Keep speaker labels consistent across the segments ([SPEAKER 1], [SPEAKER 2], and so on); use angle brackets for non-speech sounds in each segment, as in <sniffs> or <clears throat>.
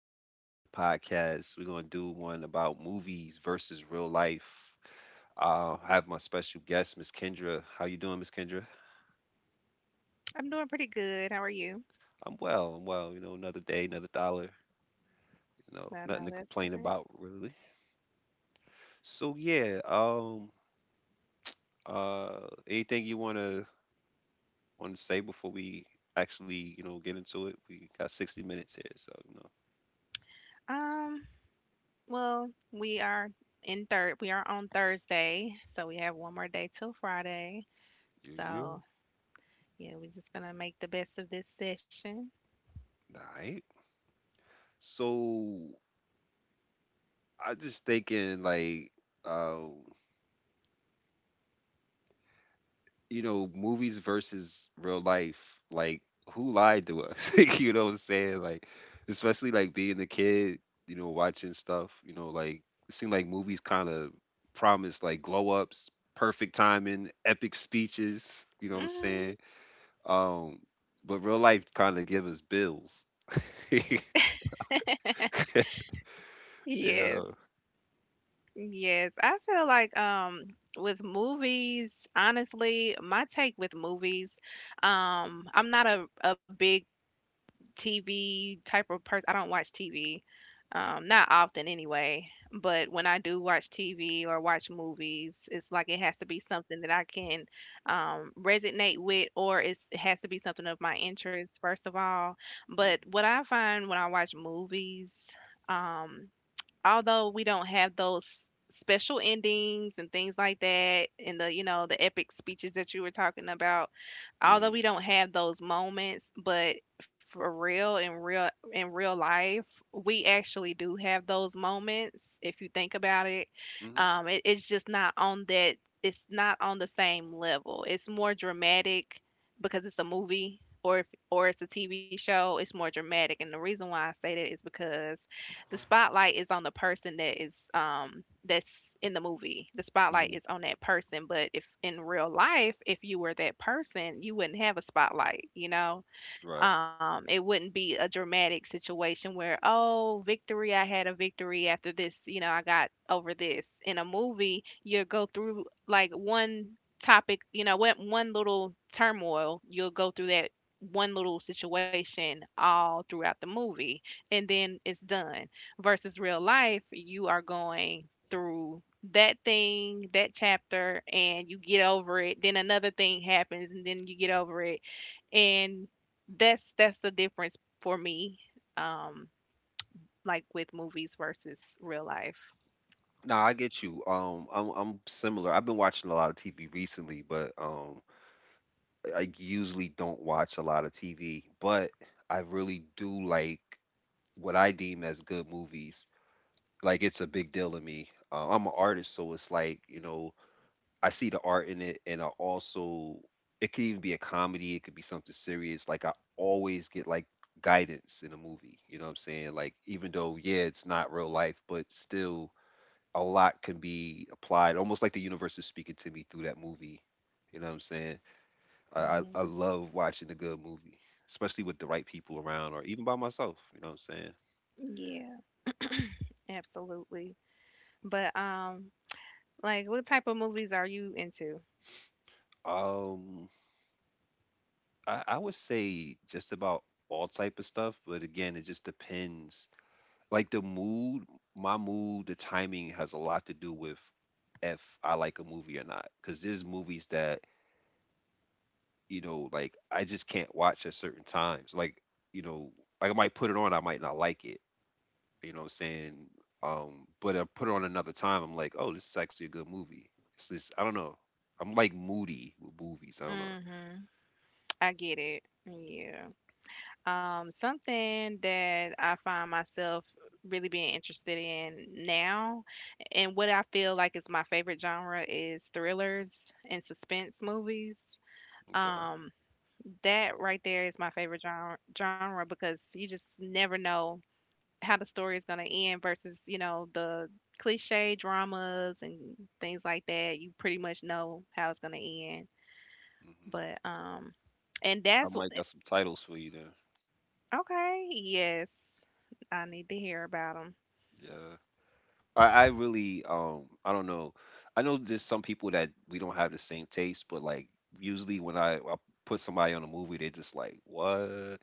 [SPEAKER 1] back with another podcast. We're gonna do one about movies versus real life. I have my special guest, Miss Kendra. How you doing, Miss Kendra?
[SPEAKER 2] I'm doing pretty good. How are you?
[SPEAKER 1] I'm well. I'm well. You know, another day, another dollar. You know,
[SPEAKER 2] No,
[SPEAKER 1] nothing to
[SPEAKER 2] no, that's
[SPEAKER 1] complain
[SPEAKER 2] good.
[SPEAKER 1] about really. So yeah. Anything you wanna say before we actually you know get into it? We got 60 minutes here, so you know.
[SPEAKER 2] Um, well, we are in third. We are on Thursday, so we have one more day till Friday.
[SPEAKER 1] Yeah, yeah.
[SPEAKER 2] So yeah, we're just gonna make the best of this session.
[SPEAKER 1] All right. So I just thinking like. um. you know, movies versus real life, like who lied to us? <laughs> Like, you know what I'm saying? Like, especially like being a kid, you know, watching stuff, you know, like it seemed like movies kind of promised like glow ups, perfect timing, epic speeches, you know what I'm saying?
[SPEAKER 2] Hmm
[SPEAKER 1] Um, but real life kind of give us bills. <laughs> Yeah.
[SPEAKER 2] Yes, yes. I feel like with movies, honestly, my take with movies, I'm not a big TV type of person. I don't watch TV, not often anyway. But
[SPEAKER 1] Mhm,
[SPEAKER 2] when I do watch TV or watch movies, it's like it has to be something that I can resonate with, it has to be something of my interest first of all. But what I find when I watch movies. Um, although we don't have those special endings and things like that and the you know the epic speeches that you were talking about, although
[SPEAKER 1] mhm,
[SPEAKER 2] we don't have those moments, but for real in real life we actually do have those moments if you think about it.
[SPEAKER 1] mhm,
[SPEAKER 2] It's just not on that it's not on the same level. It's more dramatic because it's a movie or if, or it's a TV show. It's more dramatic, and the reason why I say that is because the spotlight is on the person that is that's in the movie. The spotlight
[SPEAKER 1] mhm,
[SPEAKER 2] is on that person, but if in real life, if you were that person, you wouldn't have a spotlight, you know?
[SPEAKER 1] right.
[SPEAKER 2] It wouldn't be a dramatic situation where, oh, victory, I had a victory after this. You know, I got over this. In a movie, you'll go through like one topic, you know what, one little turmoil. You'll go through that one little situation all throughout the movie, and then it's done, versus real life. You are going through that thing, that chapter, and you get over it. Then another thing happens, and then you get over it. And that's the difference for me, um like with movies versus real life.
[SPEAKER 1] Nah, I get you. I'm similar. I've been watching a lot of TV recently, but I usually don't watch a lot of TV, but I really do like what I deem as good movies. Like it's a big deal to me. I'm an artist, so it's like you know I see the art in it, and I also it could even be a comedy, it could be something serious. Like I always get like guidance in a movie. You know what I'm saying? Like even though yeah, it's not real life, but still a lot can be applied. Almost like the universe is speaking to me through that movie. You know what I'm saying? I
[SPEAKER 2] Hmm
[SPEAKER 1] love watching a good movie, especially with the right people around, or even by myself. You know what I'm saying?
[SPEAKER 2] yeah, absolutely. But like what type of movies are you into?
[SPEAKER 1] Um, I would say just about all type of stuff, but again, it just depends. Like the mood, my mood, the timing has a lot to do with if I like a movie or not. Because there's movies that you know, like I just can't watch at certain times. Like you know, like I might put it on, I might not like it, you know what I'm saying? But I put it on another time. I'm like, oh, this is actually a good movie. It's this, I don't know. I'm like moody with movies. I don't know.
[SPEAKER 2] Hmm I get it, yeah. Um, something that I find myself really being interested in now, and what I feel like is my favorite genre, is thrillers and suspense movies.
[SPEAKER 1] Okay.
[SPEAKER 2] Um, that right there is my favorite genre because you just never know how the story is going to end versus, you know, the cliche dramas and things like that. You pretty much know how it's going to end.
[SPEAKER 1] Hmm.
[SPEAKER 2] But, and
[SPEAKER 1] I
[SPEAKER 2] that's
[SPEAKER 1] might got some titles for you then.
[SPEAKER 2] okay. Yes, I need to hear about 'em.
[SPEAKER 1] Yeah. I really, I don't know. I know there's some people that we don't have the same taste, but like usually when I put somebody on a movie, they're just like, what?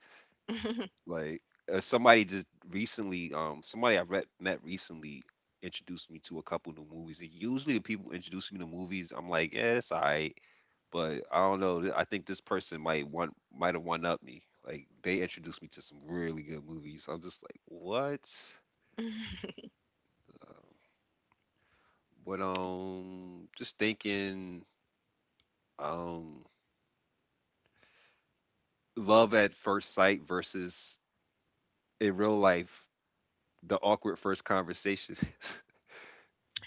[SPEAKER 1] Like somebody just recently, somebody I re- met recently introduced me to a couple new movies. And usually, when people introduce me to movies, I'm like, yeah, it's alright. But I don't know. I think this person might have one up me. Like they introduced me to some really good movies. I'm just like, what? Um, but just thinking, um, love at first sight versus in real life, the awkward first conversation. <laughs>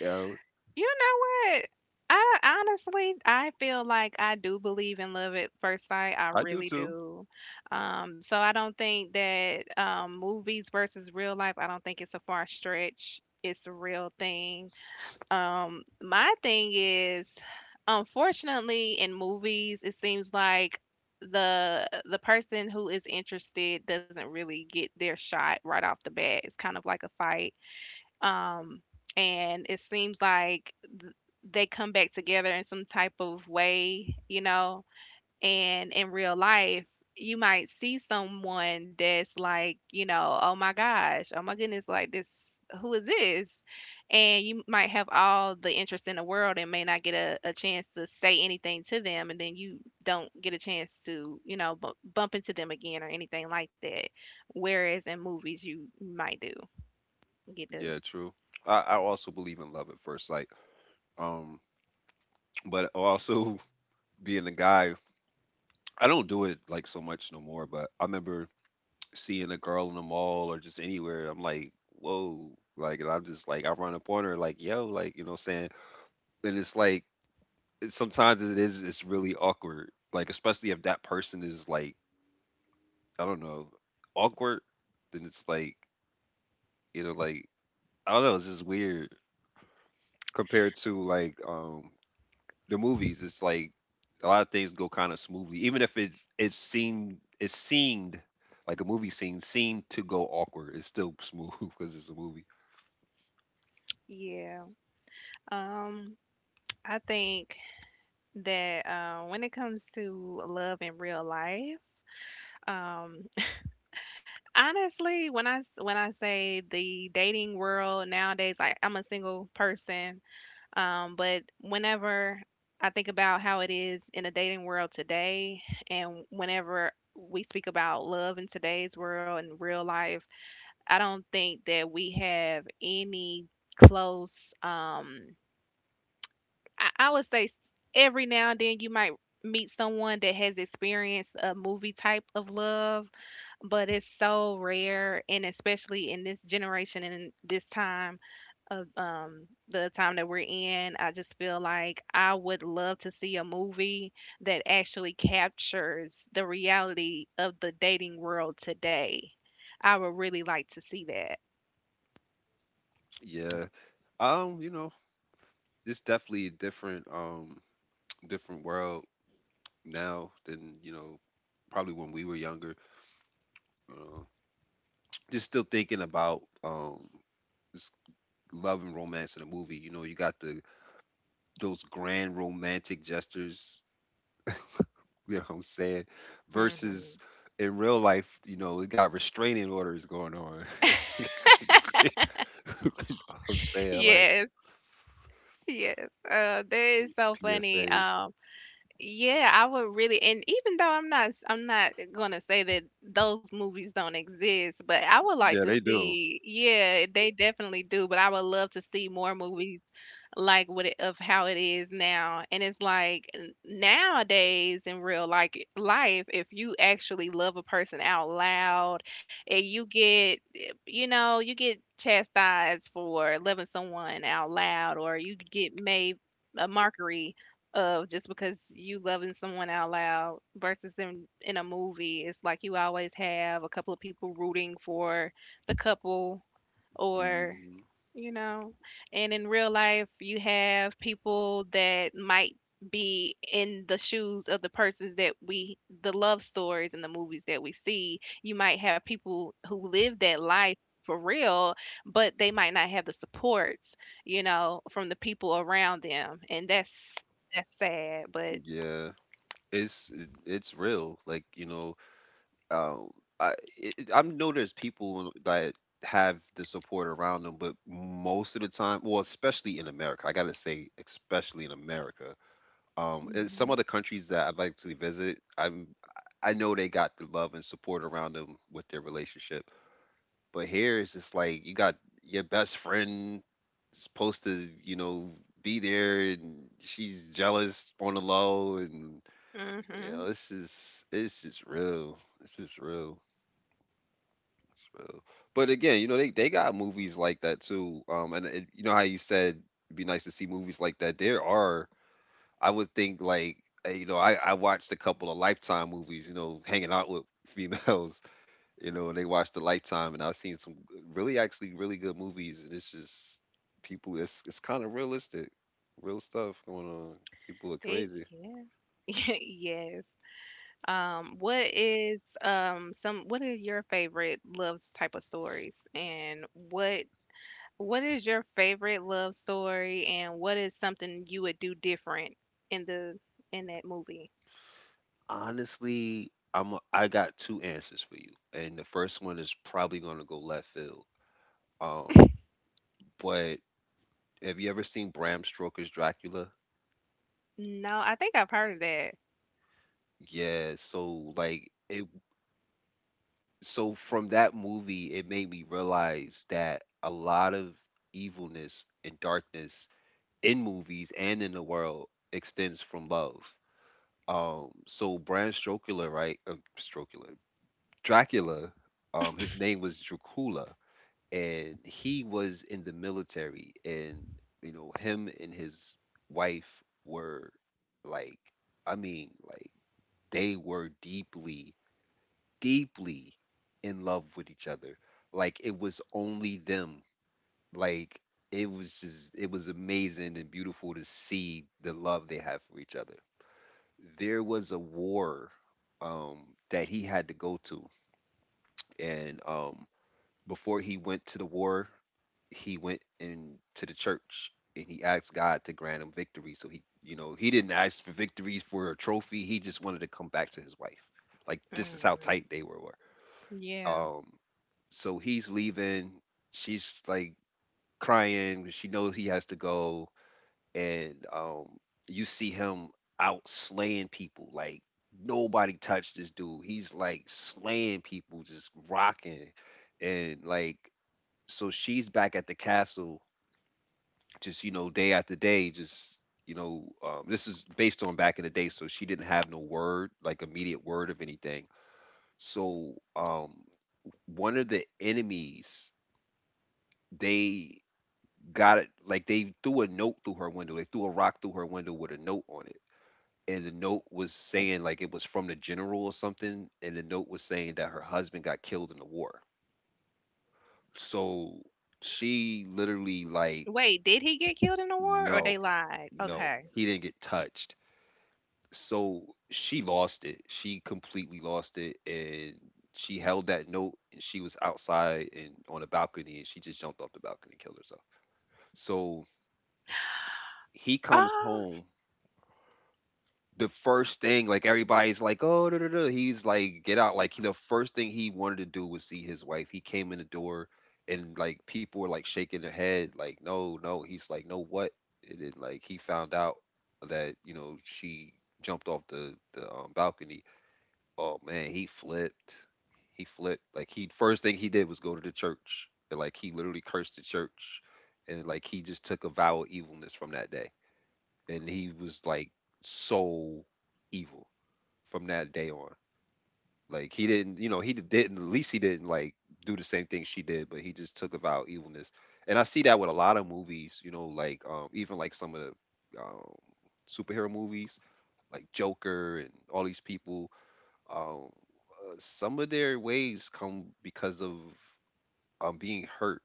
[SPEAKER 1] Yeah,
[SPEAKER 2] You know what? I honestly, I feel like I do believe in love at first sight. I
[SPEAKER 1] I do
[SPEAKER 2] really
[SPEAKER 1] too.
[SPEAKER 2] do. I don't think that movies versus real life, I don't think it's a far stretch. It's a real thing. My thing is, unfortunately, in movies, it seems like the person who is interested doesn't really get their shot right off the bat. It's kind of like a fight. Um, and it seems like they come back together in some type of way, you know. And in real life, you might see someone that's like, you know, oh my gosh, oh my goodness, like this, who is this? And you might have all the interest in the world and may not get a chance to say anything to them. And then you don't get a chance to, you know, bump into them again or anything like that. Whereas in movies, you might do get to,
[SPEAKER 1] Yeah, true. I also believe in love at first sight. Um, but also <laughs> being a guy, I don't do it like so much no more. But I remember seeing a girl in the mall or just anywhere. I'm like, whoa, like, and I'm just like, I run up on her, like, yo, like, you know, what I'm saying, and it's like, it, sometimes it is, it's really awkward. Like, especially if that person is like, I don't know, awkward, then it's like, you know, like, I don't know, it's just weird compared to the movies, it's like a lot of things go kind of smoothly, even if it it seemed like a movie scene seemed to go awkward. It's still smooth <laughs> because it's a movie.
[SPEAKER 2] yeah. Um, I think that when it comes to love in real life, um, honestly, when I say the dating world nowadays, like I'm a single person, but whenever I think about how it is in the dating world today, and whenever we speak about love in today's world and real life, I don't think that we have any close. I would say, every now and then you might meet someone that has experienced a movie type of love, but it's so rare, and especially in this generation and in this time of the time that we're in, I just feel like I would love to see a movie that actually captures the reality of the dating world today. I would really like to see that.
[SPEAKER 1] Yeah, you know, it's definitely a different <tsk> different world now than you know probably when we were younger. Uh, just still thinking about this love and romance in a movie. You know, you got the those grand romantic gestures. You know what I'm saying? Versus
[SPEAKER 2] Hmm
[SPEAKER 1] in real life, you know, we got restraining orders going on. <laughs> You know what I'm saying? Like
[SPEAKER 2] Yes, yes. That is so funny.
[SPEAKER 1] PFAs.
[SPEAKER 2] Yeah, I would really, and even though I'm not gonna say that those movies don't exist, but I would
[SPEAKER 1] Yeah,
[SPEAKER 2] like
[SPEAKER 1] they
[SPEAKER 2] to
[SPEAKER 1] do.
[SPEAKER 2] see, yeah, they definitely do, but I would love to see more movies like what it, of how it is now. And it's like, nowadays in real life, if you actually love a person out loud, and you get, you know, you get chastised for loving someone out loud, or you get made a mockery of just because you loving someone out loud, versus in a movie it's like you always have a couple of people rooting for the couple, or
[SPEAKER 1] Hmm.
[SPEAKER 2] you know, and in real life, you have people that might be in the shoes of the persons that the love stories and the movies that we see. You might have people who live that life for real, but they might not have the supports, you know, from the people around them. And that's sad, but.
[SPEAKER 1] Yeah. It's it's real. Like, you know, um, I it, I know there's people that have the support around them, but most of the time, well, especially in America, I gotta say, especially in America, in some
[SPEAKER 2] Hmm
[SPEAKER 1] of the countries that I'd like to visit, I'm I know they got the love and support around them with their relationship, but here it's just like you got your best friend supposed to you know be there, and she's jealous on the low, and you
[SPEAKER 2] hmm
[SPEAKER 1] know this is it's just real, it's just real. It's real. But again, you know they got movies like that too. And it, you know how you said it'd be nice to see movies like that. There are I would think like you know I watched a couple of Lifetime movies, you know, hanging out with <laughs> females, you know, and they watched the Lifetime, and I've seen some really actually really good movies, and it's just people. It's kind of realistic, real stuff going on. People are
[SPEAKER 2] It,
[SPEAKER 1] crazy.
[SPEAKER 2] yeah. <laughs> Yes. What is some what are your favorite love type of stories, and what is your favorite love story, and what is something you would do different in the in that movie?
[SPEAKER 1] Honestly, I got two answers for you, and the first one is probably gonna go left field. Um, but have you ever seen Bram Stoker's Dracula?
[SPEAKER 2] No, I think I've heard of that.
[SPEAKER 1] Yeah, so like it so from that movie, it made me realize that a lot of evilness and darkness in movies and in the world extends from love. So Bram Stoker, right? Stoker, Dracula. His name was Dracula, and he was in the military, and you know him and his wife were like, I mean, like they were deeply in love with each other. Like it was only them. Like it was just it was amazing and beautiful to see the love they have for each other. There was a war um that he had to go to and before he went to the war, he went into the church and he asked God to grant him victory. So he, you know, he didn't ask for victories for a trophy. He just wanted to come back to his wife. Like this is how
[SPEAKER 2] Mm,
[SPEAKER 1] tight they were.
[SPEAKER 2] yeah.
[SPEAKER 1] Um, so he's leaving. She's like crying 'cause she knows he has to go. And you see him out slaying people. Like nobody touched this dude. He's like slaying people, just rocking. And like, so she's back at the castle, just, you know, day after day, just. You know, this is based on back in the day, so she didn't have no word, like immediate word of anything. So, one of the enemies they got it like they threw a note through her window. They threw a rock through her window with a note on it. And the note was saying like it was from the general or something. And the note was saying that her husband got killed in the war. So she literally like,
[SPEAKER 2] Wait, did he get killed in the war or
[SPEAKER 1] no,
[SPEAKER 2] they lied?
[SPEAKER 1] no,
[SPEAKER 2] Okay.
[SPEAKER 1] he didn't get touched. So she lost it. She completely lost it. And she held that note and she was outside and on a balcony and she just jumped off the balcony and killed herself. So he comes
[SPEAKER 2] Ah.
[SPEAKER 1] home the first thing, like everybody's like, oh, da, da, da," he's like, get out. Like the first thing he wanted to do was see his wife. He came in the door and like people were like shaking their head, like, no, no. He's like, no, what? And then like he found out that, you know, she jumped off the balcony. Oh man, he flipped. He flipped. Like he first thing he did was go to the church. And, like he literally cursed the church. And like he just took a vow of evilness from that day and he was like so evil from that day on. Like he didn't, you know, he didn't. At least he didn't like do the same thing she did, but he just took about evilness. And I see that with a lot of movies, you know, like even like some of the superhero movies, like Joker and all these people. Um, some of their ways come because of being hurt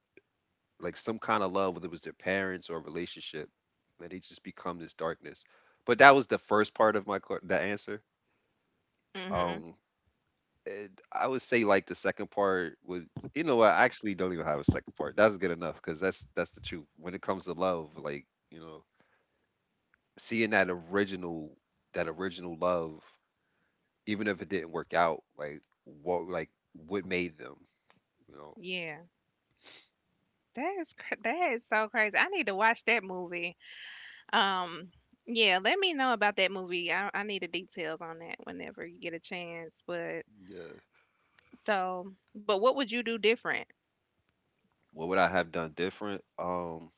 [SPEAKER 1] like some kind of love, whether it was their parents or a relationship, and they just become this darkness. But that was the first part of the answer.
[SPEAKER 2] Mm-hmm.
[SPEAKER 1] Um, and I would say like the second part would, you know, what, I actually don't even have a second part. That's good enough because that's the truth when it comes to love. Like seeing that original love, even if it didn't work out, like what made them, you know,
[SPEAKER 2] Yeah. That is so crazy. I need to watch that movie. Um, yeah, let me know about that movie. I need the details on that whenever you get a chance, but
[SPEAKER 1] yeah.
[SPEAKER 2] so but what would you do different?
[SPEAKER 1] What would I have done different? Um,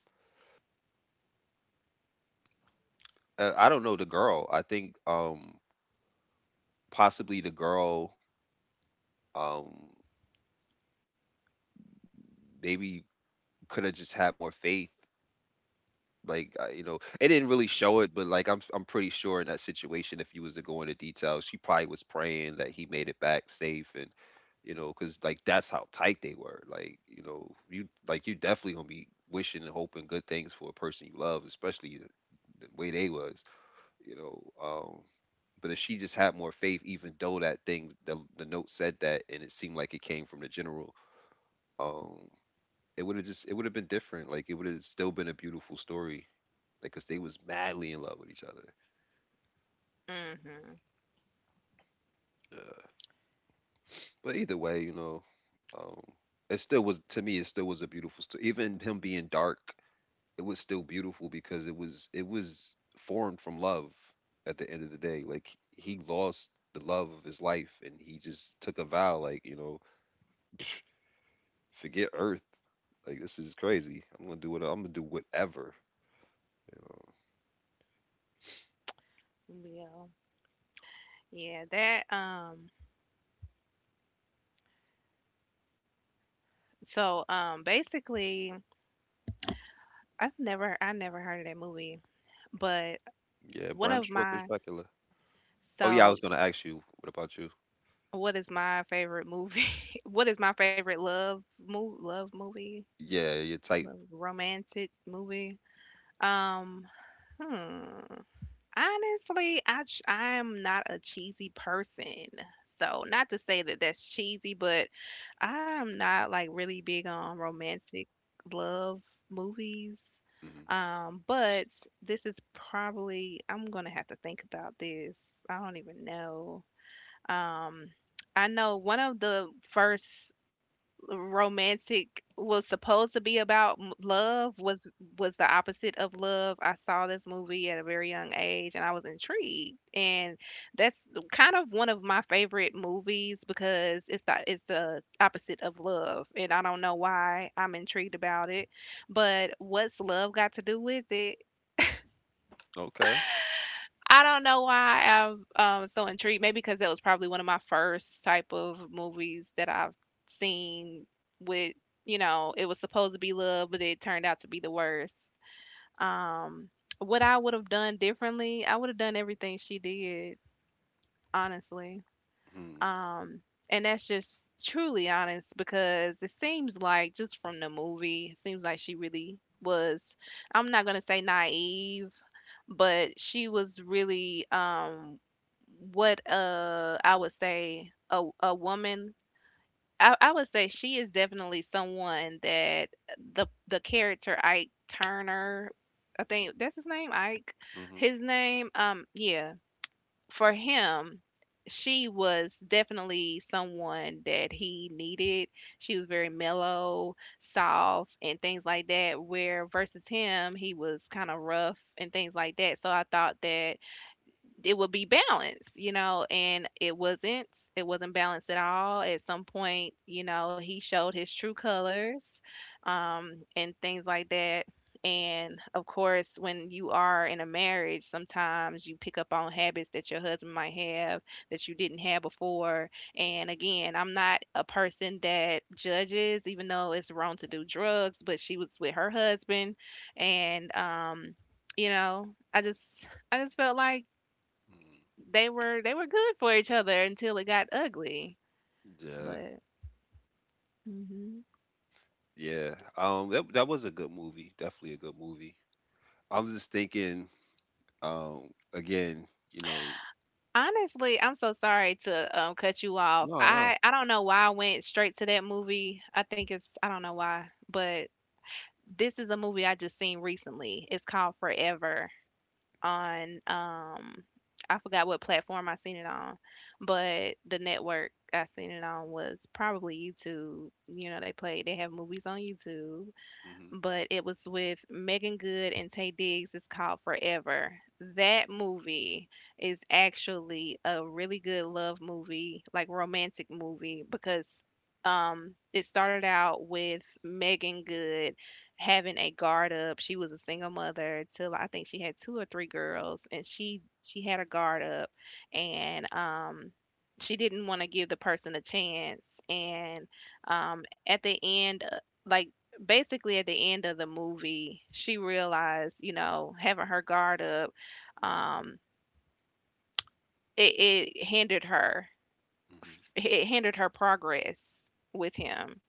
[SPEAKER 1] uh, I don't know the girl. I think possibly the girl um maybe could have just had more faith, like you know it didn't really show it, but like I'm pretty sure in that situation, if you was to go into details, she probably was praying that he made it back safe. And you know, cuz like that's how tight they were. Like, you know, you definitely going to be wishing and hoping good things for a person you love, especially the way they was. You know um but if she just had more faith, even though that thing, the note said that and it seemed like it came from the general, um, it would have just it would have been different. Like, it would have still been a beautiful story. Like, cause they was madly in love with each other.
[SPEAKER 2] Mm-hmm.
[SPEAKER 1] Yeah. But either way, um, it still was to me. It still was a beautiful story. Even him being dark, it was still beautiful, because it was formed from love. At the end of the day, like, he lost the love of his life, and he just took a vow, like, <sniffs> forget Earth. Like, this is crazy. I'm gonna do what I'm gonna do, whatever. You know.
[SPEAKER 2] Yeah. Yeah, that so Basically, I never heard of that movie, but
[SPEAKER 1] Yeah,
[SPEAKER 2] one
[SPEAKER 1] Bram
[SPEAKER 2] of
[SPEAKER 1] Stoker's
[SPEAKER 2] my,
[SPEAKER 1] Dracula. Oh yeah, I was
[SPEAKER 2] so
[SPEAKER 1] gonna ask you. What about you?
[SPEAKER 2] what is my favorite movie? <laughs> what is my favorite love movie?
[SPEAKER 1] Yeah, your type.
[SPEAKER 2] Love romantic movie? Um, hmm. Honestly, I am not a cheesy person. So, not to say that that's cheesy, but I'm not like really big on romantic love movies.
[SPEAKER 1] Hmm.
[SPEAKER 2] But this is probably, I'm gonna have to think about this. I don't even know. Um, I know one of the first romantic, was supposed to be about love, was the opposite of love. I saw this movie at a very young age, and I was intrigued. And that's kind of one of my favorite movies because it's the opposite of love, and I don't know why I'm intrigued about it. But what's love got to do with it?
[SPEAKER 1] Okay.
[SPEAKER 2] I don't know why I'm so intrigued. Maybe because that was probably one of my first type of movies that I've seen with, you know, it was supposed to be love, but it turned out to be the worst. Um, what I would have done differently, I would have done everything she did, honestly.
[SPEAKER 1] Mm-hmm.
[SPEAKER 2] Um, and that's just truly honest because it seems like, just from the movie, it seems like she really was, I'm not gonna say naive, but she was really what I would say a woman. I would say she is definitely someone that, the character Ike Turner, I think that's his name, Ike,
[SPEAKER 1] Hmm.
[SPEAKER 2] his name, yeah, for him, she was definitely someone that he needed. She was very mellow, soft, and things like that. Where versus him, he was kind of rough and things like that. So I thought that it would be balanced, you know, and it wasn't. It wasn't balanced at all. At some point, you know, he showed his true colors, and things like that. And of course, when you are in a marriage, sometimes you pick up on habits that your husband might have that you didn't have before. And again, I'm not a person that judges, even though it's wrong to do drugs, but she was with her husband. And, um, you know, I just felt like they were good for each other until it got ugly.
[SPEAKER 1] Yeah.
[SPEAKER 2] But hmm
[SPEAKER 1] Yeah. That was a good movie. Definitely a good movie. I'm just thinking. Again,
[SPEAKER 2] honestly, I'm so sorry to cut you off.
[SPEAKER 1] no, no.
[SPEAKER 2] I don't know why I went straight to that movie. I think it's, I don't know why, but this is a movie I just seen recently. It's called Forever on I forgot what platform I seen it on, but the network I seen it on was probably YouTube. You know, they have movies on YouTube,
[SPEAKER 1] Hmm.
[SPEAKER 2] but it was with Megan Good and Taye Diggs. It's called Forever. That movie is actually a really good love movie, like romantic movie, because it started out with Megan Good having a guard up. She was a single mother till I think she had two or three girls, and she had a guard up, and she didn't want to give the person a chance. And at the end, like basically at the end of the movie, she realized, you know, having her guard up, um, it, it hindered her.
[SPEAKER 1] Hmm.
[SPEAKER 2] It hindered her progress with him.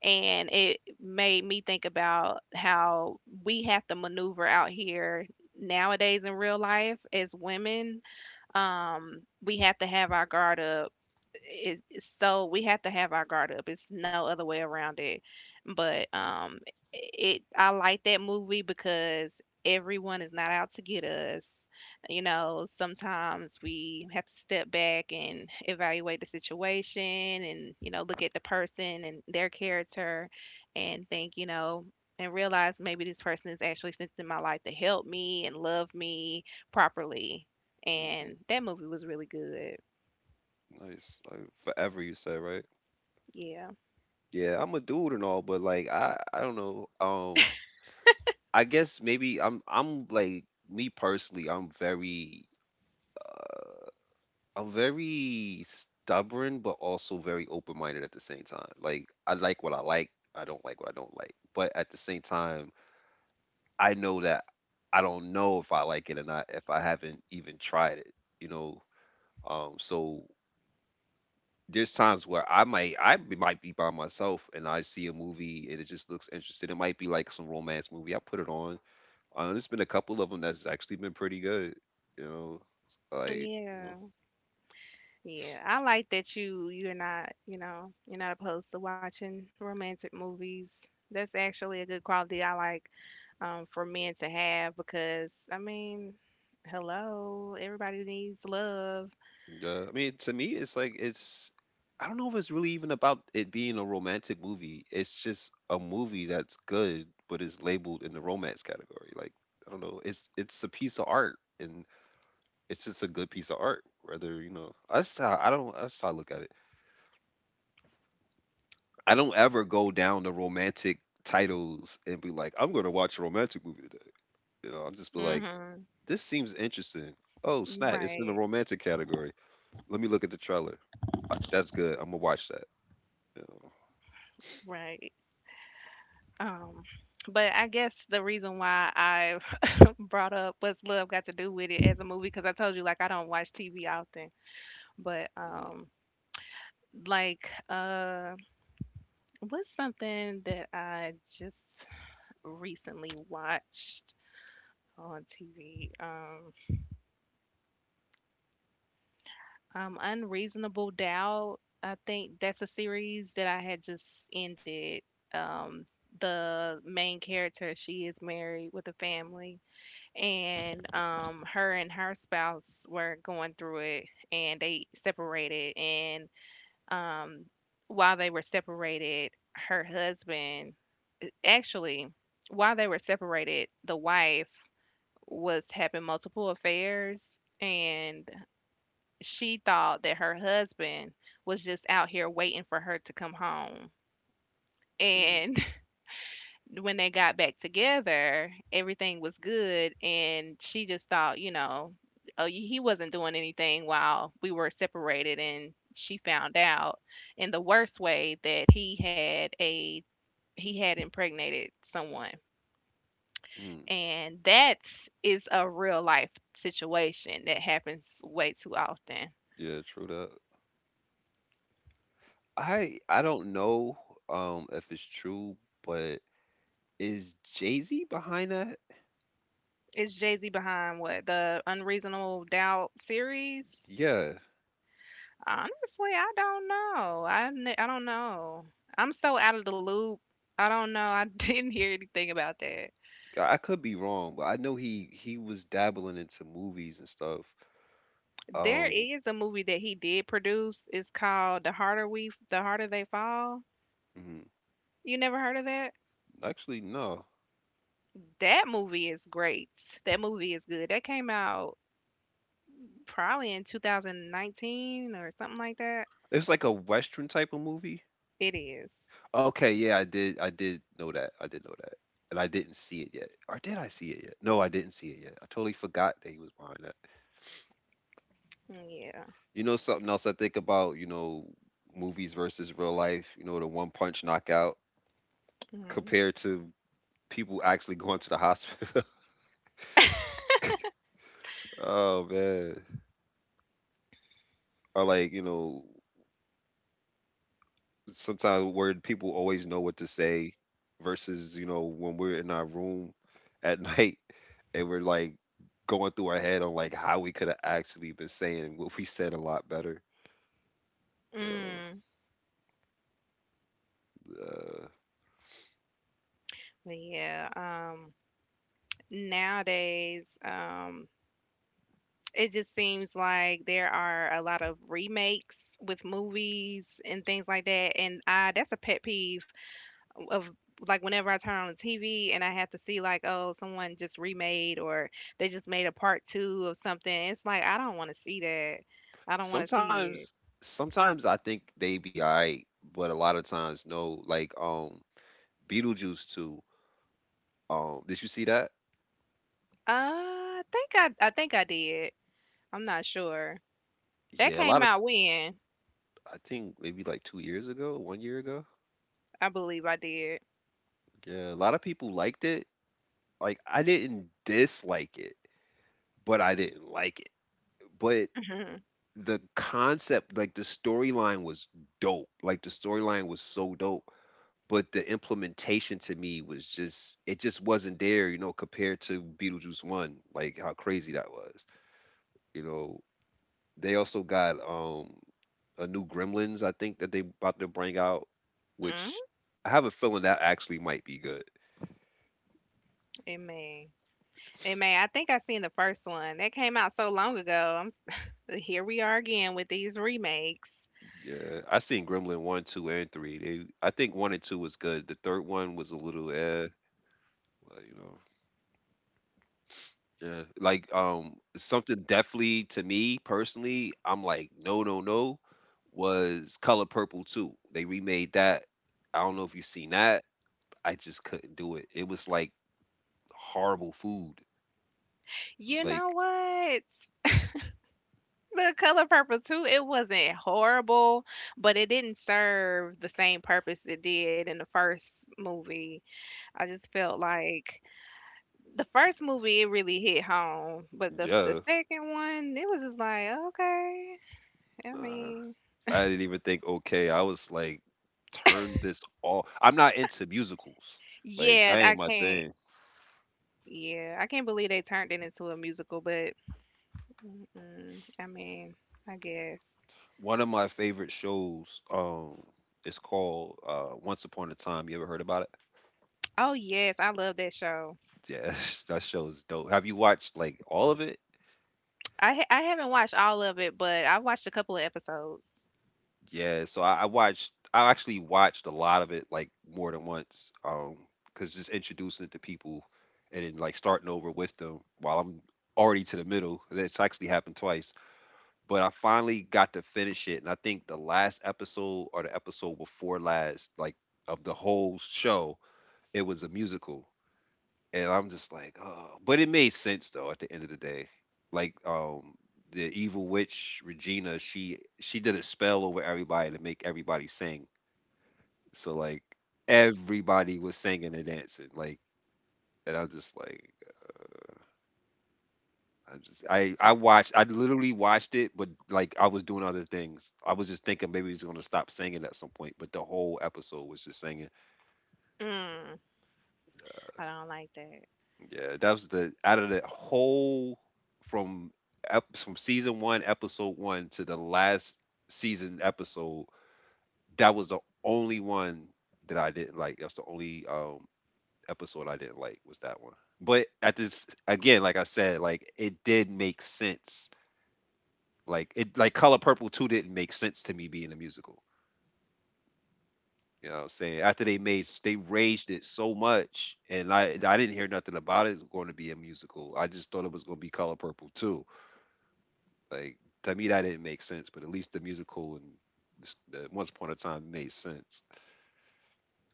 [SPEAKER 2] And it made me think about how we have to maneuver out here nowadays in real life as women. We have to have our guard up. So we have to have our guard up. It's no other way around it. But um it I like that movie because everyone is not out to get us. You know, sometimes we have to step back and evaluate the situation, and, you know, look at the person and their character, and think, you know, and realize maybe this person is actually sent in my life to help me and love me properly.
[SPEAKER 1] Hmm.
[SPEAKER 2] And that movie was really good.
[SPEAKER 1] Nice. Like Forever, you said, right?
[SPEAKER 2] Yeah,
[SPEAKER 1] Yeah, I'm a dude and all, but like, I don't know. I guess maybe I'm like, me personally, I'm very stubborn, but also very open minded at the same time. Like, I like what I like, I don't like what I don't like. But at the same time, I know that I don't know if I like it or not if I haven't even tried it. You know, so there's times where I might I b- might be by myself and I see a movie and it just looks interesting. It might be like some romance movie. I put it on. There's been a couple of them that's actually been pretty good. You know, like.
[SPEAKER 2] yeah, yeah. I like that you're not, you know, you're not opposed to watching romantic movies. That's actually a good quality I like, for men to have. Because I mean, hello, everybody needs love.
[SPEAKER 1] Yeah, I mean, to me, it's like it's. I don't know if it's really even about it being a romantic movie. It's just a movie that's good, but it's labeled in the romance category. Like, I don't know. It's a piece of art, and it's just a good piece of art. Whether, you know, that's how I don't. That's how I look at it. I don't ever go down the romantic titles and be like, I'm gonna watch a romantic movie today. I'll just be like,
[SPEAKER 2] Mhm.
[SPEAKER 1] this seems interesting. Oh, snap! It's in the
[SPEAKER 2] Right.
[SPEAKER 1] romantic category. Let me look at the trailer. That's good. I'm gonna watch that. You know?
[SPEAKER 2] Right. Um, but I guess the reason why I <laughs> brought up What's Love Got to Do with It as a movie because I told you, like, I don't watch TV often, but
[SPEAKER 1] Mhm.
[SPEAKER 2] like uh what's something that I just recently watched on TV? Unreasonable Doubt. I think that's a series that I had just ended. Um the main character, she is married with a family, and her and her spouse were going through it, and they separated. And um while they were separated, her husband— actually, while they were separated, the wife was having multiple affairs, and she thought that her husband was just out here waiting for her to come home.
[SPEAKER 1] Mhm.
[SPEAKER 2] And <laughs> when they got back together, everything was good, and she just thought, you know, oh, he wasn't doing anything while we were separated, and she found out in the worst way that he had a— he had impregnated someone.
[SPEAKER 1] Mhm.
[SPEAKER 2] And that's a real life situation that happens way too often.
[SPEAKER 1] Yeah, true that. I don't know if it's true, but is Jay-Z behind that?
[SPEAKER 2] Is Jay Z behind what, the Unreasonable Doubt series?
[SPEAKER 1] Yeah,
[SPEAKER 2] Honestly, I don't know. I don't know. I'm so out of the loop. I don't know. I <laughs> didn't hear anything about that.
[SPEAKER 1] I could be wrong, but I know he was dabbling into movies and stuff.
[SPEAKER 2] There
[SPEAKER 1] Um,
[SPEAKER 2] is a movie that he did produce. It's called The Harder They Fall.
[SPEAKER 1] mhm.
[SPEAKER 2] You never heard of that?
[SPEAKER 1] Actually, no.
[SPEAKER 2] That movie is great. That movie is good. That came out probably in 2019 or something like that.
[SPEAKER 1] It's like a Western type of movie.
[SPEAKER 2] It is.
[SPEAKER 1] Okay, yeah, I did know that. I did know that. And I didn't see it yet. Or did I see it yet? No, I didn't see it yet. I totally forgot that he was behind that.
[SPEAKER 2] Yeah.
[SPEAKER 1] You know something else I think about, movies versus real life, the one punch knockout
[SPEAKER 2] Mm.
[SPEAKER 1] compared to people actually going to the hospital. <laughs> Oh man. Or like, sometimes where people always know what to say versus, when we're in our room at <laughs> night, and we're like going through our head on like how we could have actually been saying what we said a lot better. Uh,
[SPEAKER 2] Mm.
[SPEAKER 1] uh,
[SPEAKER 2] But yeah. Nowadays, it just seems like there are a lot of remakes with movies and things like that, and I that's a pet peeve of, like, whenever I turn on the TV and I have to see, like, oh, someone just remade or they just made a part two of something. It's like, I don't want to see that. I don't want to see
[SPEAKER 1] Sometimes,
[SPEAKER 2] it.
[SPEAKER 1] sometimes, I think they be alright, but a lot of times, no. Like, Beetlejuice too. Did you see that?
[SPEAKER 2] I think I think I did. I'm not sure. That
[SPEAKER 1] Yeah, a
[SPEAKER 2] came
[SPEAKER 1] lot of
[SPEAKER 2] out when?
[SPEAKER 1] I think maybe like 2 years ago, one year ago.
[SPEAKER 2] I believe I did.
[SPEAKER 1] Yeah, a lot of people liked it. Like, I didn't dislike it, but I didn't like it. But
[SPEAKER 2] <laughs> Mm.
[SPEAKER 1] the concept, like, the storyline was dope. Like, the storyline was so dope. But the implementation to me was just it just wasn't there, you know, compared to Beetlejuice One, like how crazy that was. You know, they also got a new Gremlins, I think, that they about to bring out, which I have a feeling that actually might be good.
[SPEAKER 2] It may. It I think I seen the first one. That came out so long ago. Here we are again with these remakes.
[SPEAKER 1] Yeah, I seen Gremlin one, two, and three. I think one and two was good. The third one was a little eh, well, you know. Yeah, like, something definitely to me personally, I'm like, no, no, no, was Color Purple too. They remade that. I don't know if you seen that. I just couldn't do it. It was like horrible food.
[SPEAKER 2] You know
[SPEAKER 1] Like,
[SPEAKER 2] what? The Color Purple Too, it wasn't horrible, but it didn't serve the same purpose it did in the first movie. I just felt like the first movie, it really hit home, but the
[SPEAKER 1] yeah.
[SPEAKER 2] second one, it was just like, "Okay." I
[SPEAKER 1] Uh,
[SPEAKER 2] mean,
[SPEAKER 1] I didn't even think okay. I was like, turn this off. I'm not into musicals. Like,
[SPEAKER 2] yeah,
[SPEAKER 1] that
[SPEAKER 2] I
[SPEAKER 1] ain't my
[SPEAKER 2] can't
[SPEAKER 1] thing.
[SPEAKER 2] yeah, I can't believe they turned it into a musical, but, mm, I mean, I guess.
[SPEAKER 1] One of my favorite shows, is called Once Upon a Time. You ever heard about it?
[SPEAKER 2] Oh, yes, I love that show.
[SPEAKER 1] Yeah, <laughs> that show is dope. Have you watched like all of it?
[SPEAKER 2] I haven't watched all of it, but I watched a couple of episodes.
[SPEAKER 1] Yeah, so I watched. I actually watched a lot of it, like, more than once, because just introducing it to people and then like starting over with them while I'm already to the middle. That's actually happened twice, but I finally got to finish it, and I think the last episode, or the episode before last, like of the whole show, it was a musical. And I'm just like, oh, but it made sense though. At the end of the day, like, the evil witch Regina, she did a spell over everybody to make everybody sing. So like, everybody was singing and dancing. Like, and I'm just like, I just I watched, I literally watched it, but like I was doing other things. I was just thinking maybe he's gonna stop singing at some point, but the whole episode was just singing.
[SPEAKER 2] Mm, I don't like that.
[SPEAKER 1] Yeah, that was the out of the whole, from from season one, episode one, to the last season episode. That was the only one that I didn't like. That's the only episode I didn't like, was that one. But at this, again, like I said, like, it did make sense. Like, it, like, Color Purple Two didn't make sense to me being a musical. You know what I'm saying? After they raged it so much, and I didn't hear nothing about it going to be a musical. I just thought it was going to be Color Purple too. Like, to me, that didn't make sense. But at least the musical and the Once Upon a Time made sense.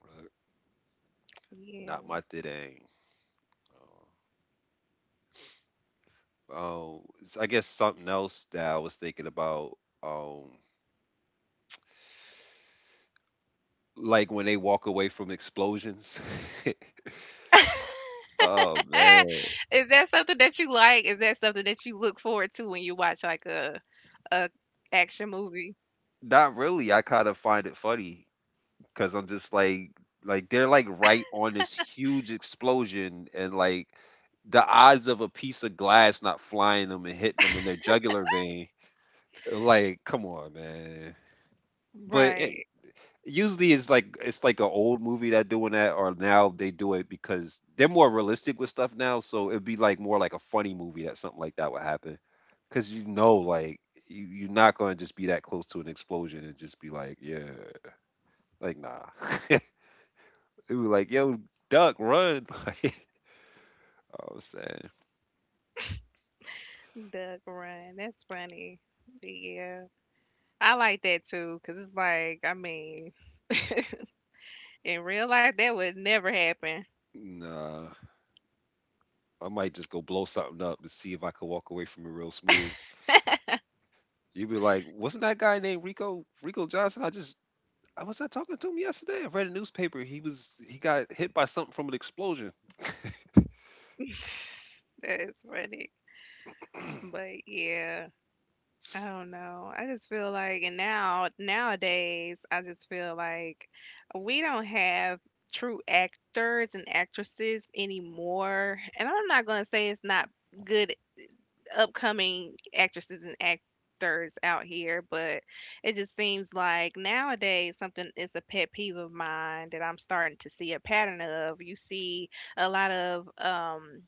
[SPEAKER 1] Right.
[SPEAKER 2] Yeah.
[SPEAKER 1] Not my thing. Uh, I guess something else that I was thinking about, um, like when they walk away from explosions. <laughs> Oh man,
[SPEAKER 2] <laughs> Is that something that you like? Is that something that you look forward to when you watch, like, a action movie?
[SPEAKER 1] not really. I kind of find it funny because I'm just like, they're like right on this huge explosion, and like, the odds of a piece of glass not flying them and hitting them in their jugular vein. Like, come on, man. But
[SPEAKER 2] Right.
[SPEAKER 1] usually it's like an old movie that doing that, or now they do it because they're more realistic with stuff now. So it'd be like more like a funny movie that something like that would happen, because you know, like, you're not gonna just be that close to an explosion and just be like, yeah, like, nah. <laughs> It was like, yo, duck, run. <laughs> Like, I was saying,
[SPEAKER 2] Duck run. That's funny. Yeah. I like that too, because it's like, I mean, in real life, that would never happen.
[SPEAKER 1] nah, I might just go blow something up and see if I could walk away from it real smooth. You'd be like, wasn't that guy named Rico Rico Johnson? I just I was I talking to him yesterday. I read a newspaper. He was, he got hit by something from an explosion.
[SPEAKER 2] <laughs> That's funny. But yeah, I don't know. I just feel like, and now, nowadays, I just feel like we don't have true actors and actresses anymore. And I'm not going to say it's not good upcoming actresses and actors out here, but it just seems like nowadays something is a pet peeve of mine that I'm starting to see a pattern of. You see a lot of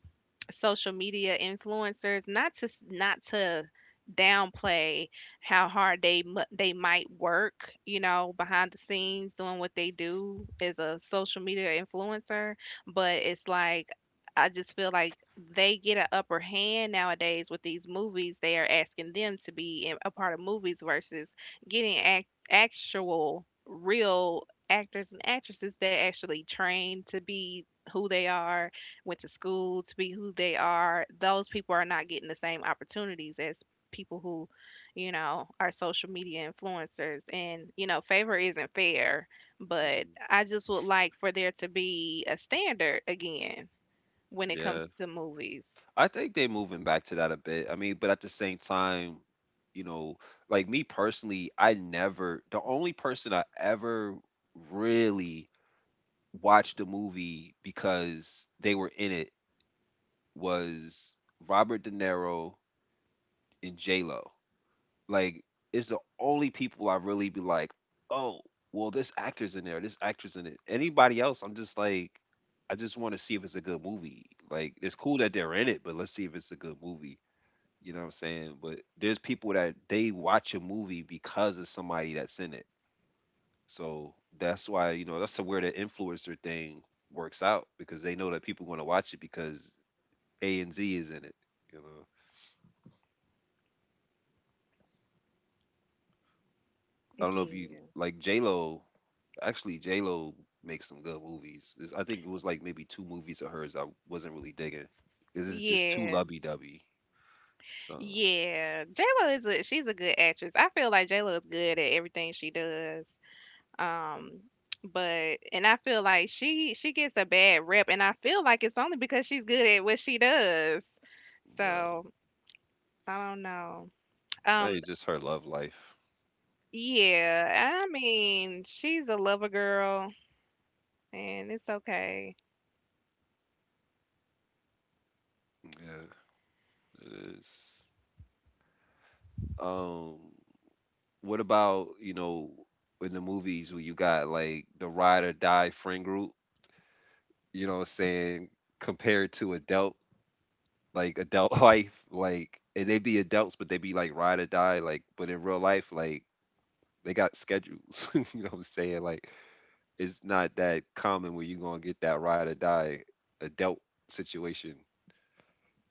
[SPEAKER 2] social media influencers, not to downplay how hard they might work, you know, behind the scenes doing what they do as a social media influencer. But it's like, I just feel like they get an upper hand nowadays with these movies they are asking them to be in, a part of movies, versus actual real actors and actresses that actually train to be who they are, went to school to be who they are. Those people are not getting the same opportunities as people who, you know, are social media influencers. And, you know, favor isn't fair, but
[SPEAKER 1] Mhm.
[SPEAKER 2] I just would like for there to be a standard again when it comes
[SPEAKER 1] Yeah.
[SPEAKER 2] to movies.
[SPEAKER 1] I think they're moving back to that a bit. I mean, but at the same time, you know, like, me personally, I never the only person I ever really watched a movie because they were in it was Robert De Niro and J Lo. Like, it's the only people I really be like, oh, well, this actor's in there, this actor's in it. Anybody else, I'm just like, I just want to see if it's a good movie. Like, it's cool that they're in it, but let's see if it's a good movie. You know what I'm saying? But there's people that they watch a movie because of somebody that's in it. So that's why, that's where the influencer thing works out because they know that people want to watch it because A and Z is in it. You know, I don't know if you
[SPEAKER 2] Yeah.
[SPEAKER 1] like J Lo. Actually, J Lo makes some good movies. I think it was like maybe two movies of hers I wasn't really digging because it's just too
[SPEAKER 2] Yeah.
[SPEAKER 1] lubby dubby. So
[SPEAKER 2] Yeah, J Lo is— a she's a good actress. I feel like J Lo is good at everything she does. Um, but and I feel like she gets a bad rep, and I feel like it's only because she's good at what she does.
[SPEAKER 1] yeah,
[SPEAKER 2] So I don't know.
[SPEAKER 1] I
[SPEAKER 2] Um,
[SPEAKER 1] it's just her love life.
[SPEAKER 2] yeah, I mean, she's a lover girl, and it's okay.
[SPEAKER 1] Yeah, it is. Um, what about in the movies where you got like the ride or die friend group? You know what I'm saying, compared to adult like adult <laughs> life, like and they be adults, but they be like ride or die, like but in real life, like they got schedules. <laughs> You know what I'm saying? Like it's not that common where you're gonna get that ride or die adult situation.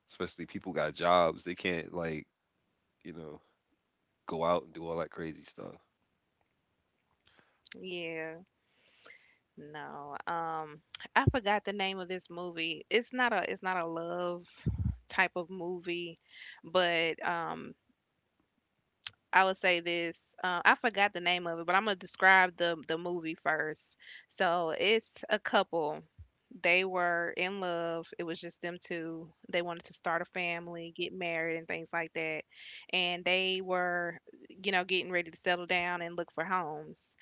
[SPEAKER 1] Especially people got jobs, they can't like you know go out and do all that crazy stuff.
[SPEAKER 2] Yeah, no. I forgot the name of this movie. It's not a love type of movie, but I would say this. I forgot the name of it, but I'm gonna describe the movie first. So it's a couple. They were in love. It was just them two. They wanted to start a family, get married, and things like that. And they were, you know, getting ready to settle down and look for homes.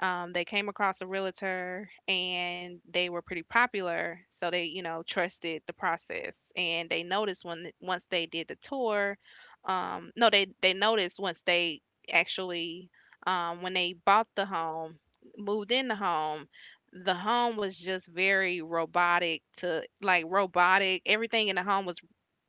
[SPEAKER 2] They came across a realtor and they were pretty popular, so they, you know, trusted the process. And they noticed when— once they did the tour, no, they noticed once they actually, when they bought the home, moved in the home was just very robotic. To like robotic. Everything in the home was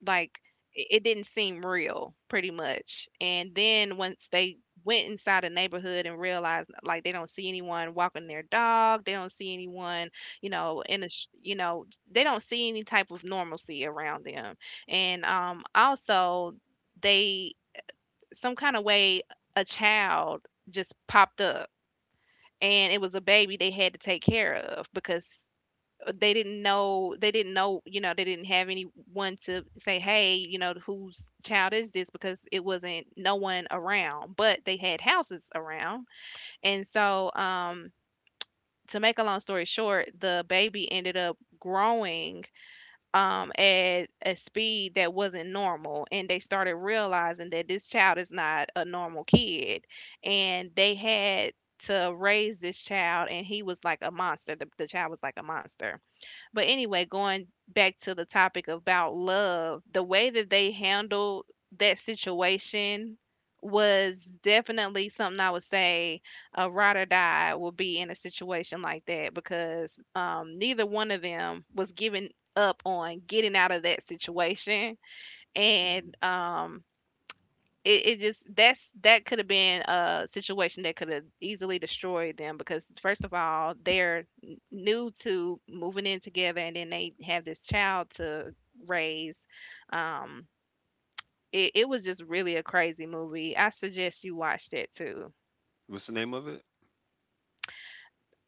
[SPEAKER 2] like, it didn't seem real pretty much. And then, once they went inside a neighborhood and realized, like, they don't see anyone walking their dog, they don't see anyone, you know, they don't see any type of normalcy around them. And also, they, some kind of way, a child just popped up, and it was a baby they had to take care of because they didn't know, you know, they didn't have anyone to say, hey, you know, whose child is this, because it wasn't no one around, but they had houses around. And so to make a long story short, the baby ended up growing at a speed that wasn't normal, and they started realizing that this child is not a normal kid. And they had to raise this child, and he was like a monster. The child was like a monster. But anyway, going back to the topic about love, the way that they handled that situation was definitely something I would say a ride or die will be in a situation like that, because neither one of them was giving up on getting out of that situation.
[SPEAKER 1] Mhm.
[SPEAKER 2] And it, it just— that's— that could have been a situation that could have easily destroyed them, because first of all, new to moving in together, and then they have this child to raise. Um it, it was just really a crazy movie. I suggest you watch that too.
[SPEAKER 1] What's the name of it?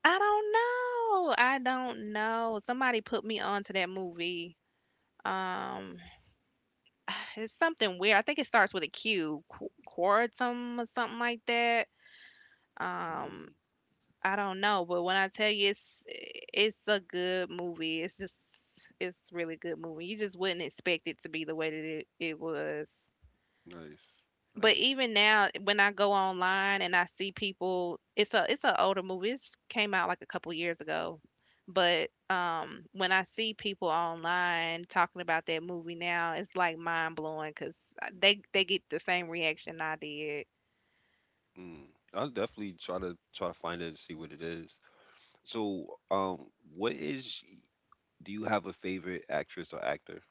[SPEAKER 2] I don't know. I don't know. Somebody put me onto that movie. um <sighs> it's something weird. I think it starts with a Q, Quartum or something like that. um
[SPEAKER 1] Mm.
[SPEAKER 2] I don't know, but when I tell you, it's— it's a good movie. It's just, it's really good movie. You just wouldn't expect it to be the way that it was.
[SPEAKER 1] Nice,
[SPEAKER 2] But
[SPEAKER 1] nice.
[SPEAKER 2] even now, when I go online and I see people— it's a— it's an older movie. It came out like a couple years ago, but when I see people online talking about that movie now, it's like mind blowing because they get the same reaction I did.
[SPEAKER 1] Mm. I'll definitely try to find it and see what it is. So, what is? Do you have a favorite actress or actor?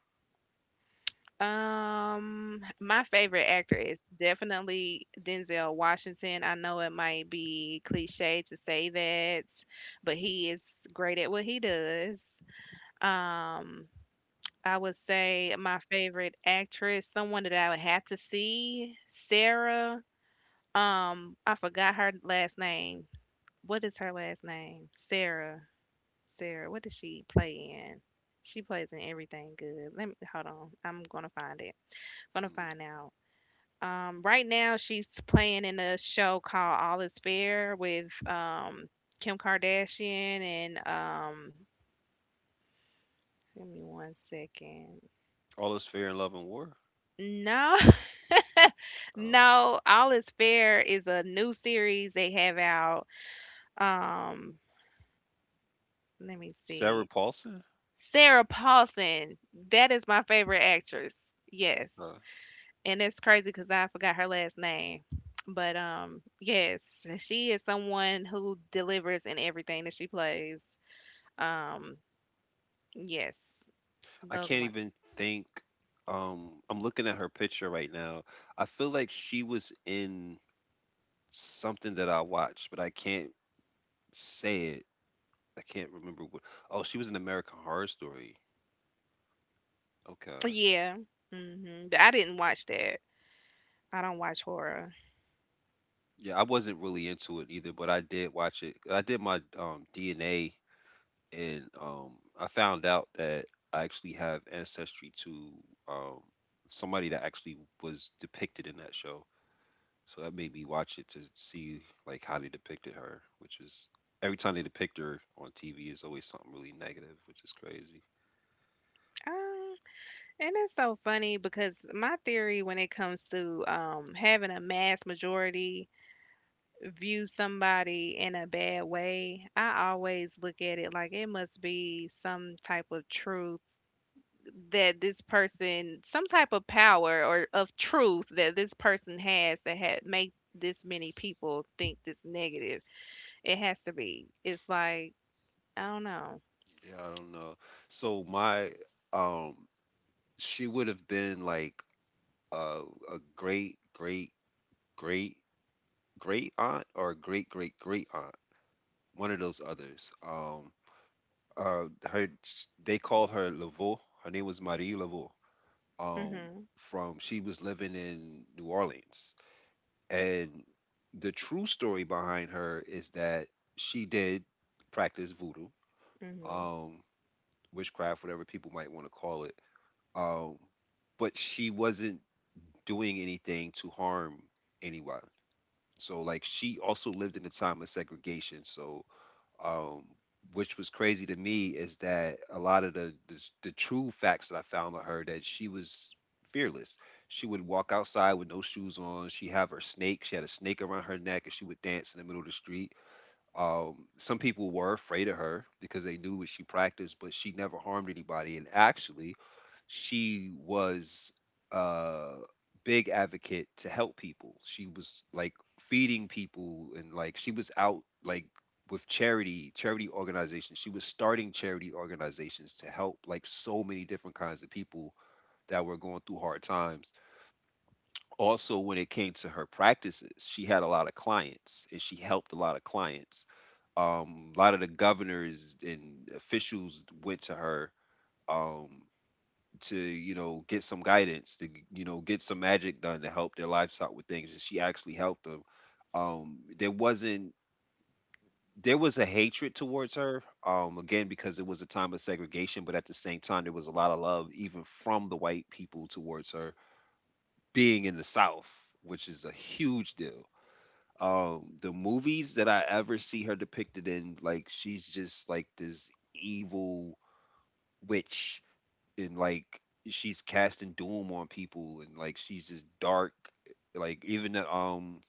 [SPEAKER 2] My favorite actor is definitely Denzel Washington. I know it might be cliche to say that, but he is great at what he does. Um, I would say my favorite actress, someone that I would have to see, Sarah. I forgot her last name. What is her last name? Sarah. Sarah. What does she play in? She plays in everything good. Let me hold on. I'm gonna find it. Gonna
[SPEAKER 1] Mm.
[SPEAKER 2] find out. Right now, she's playing in a show called All Is Fair with Kim Kardashian and give me 1 second.
[SPEAKER 1] All is fair in love and war.
[SPEAKER 2] No, <laughs>
[SPEAKER 1] Oh,
[SPEAKER 2] no, All Is Fair is a new series they have out. Um, Let me
[SPEAKER 1] Sarah
[SPEAKER 2] see.
[SPEAKER 1] Paulson.
[SPEAKER 2] Sarah Paulson. That is my favorite actress. Yes.
[SPEAKER 1] Okay.
[SPEAKER 2] And it's crazy because I forgot her last name. But yes, she is someone who delivers in everything that she plays. Um, yes,
[SPEAKER 1] I
[SPEAKER 2] those are
[SPEAKER 1] can't
[SPEAKER 2] my
[SPEAKER 1] even think. I'm looking at her picture right now. I feel like she was in something that I watched, but I can't say it. I can't remember what. Oh, she was in American Horror Story. Okay.
[SPEAKER 2] yeah. Hmm. But I didn't watch that. I don't watch horror.
[SPEAKER 1] Yeah, I wasn't really into it either, but I did watch it. I did my DNA, and I found out that I actually have ancestry to um, somebody that actually was depicted in that show. So that made me watch it to see like how they depicted her, which is every time they depict her on TV is always something really negative, which is crazy.
[SPEAKER 2] Um, and it's so funny because my theory when it comes to having a mass majority view somebody in a bad way, I always look at it like it must be some type of truth that this person, some type of power or of truth that this person has that had make this many people think this negative. It has to be. It's like I don't know.
[SPEAKER 1] Yeah, I don't know. So my um she would have been like a a great great great great aunt or a great great great aunt, one of those others. Her they called her Laveau. Her name was Marie Laveau. Um
[SPEAKER 2] Mhm.
[SPEAKER 1] from she was living in New Orleans. And the true story behind her is that she did practice voodoo,
[SPEAKER 2] Mhm.
[SPEAKER 1] um, witchcraft, whatever people might want to call it. Um, but she wasn't doing anything to harm anyone. So, like, she also lived in a time of segregation. So, um, which was crazy to me is that a lot of the the true facts that I found of her that she was fearless. She would walk outside with no shoes on. She have her snake. She had a snake around her neck, and she would dance in the middle of the street. Some people were afraid of her because they knew what she practiced, but she never harmed anybody. And actually, she was a big advocate to help people. She was like feeding people and like she was out like with charity, charity organizations. She was starting charity organizations to help like so many different kinds of people that were going through hard times. Also, when it came to her practices, she had a lot of clients and she helped a lot of clients, a lot of the governors and officials went to her um to you know get some guidance to get some magic done to help their livestock with things, and she actually helped them. There wasn't There was a hatred towards her, again because it was a time of segregation, but at the same time there was a lot of love even from the white people towards her, being in the south, which is a huge deal. The movies that I ever see her depicted in, like she's just like this evil witch, and like she's casting doom on people and like she's just dark. Like even that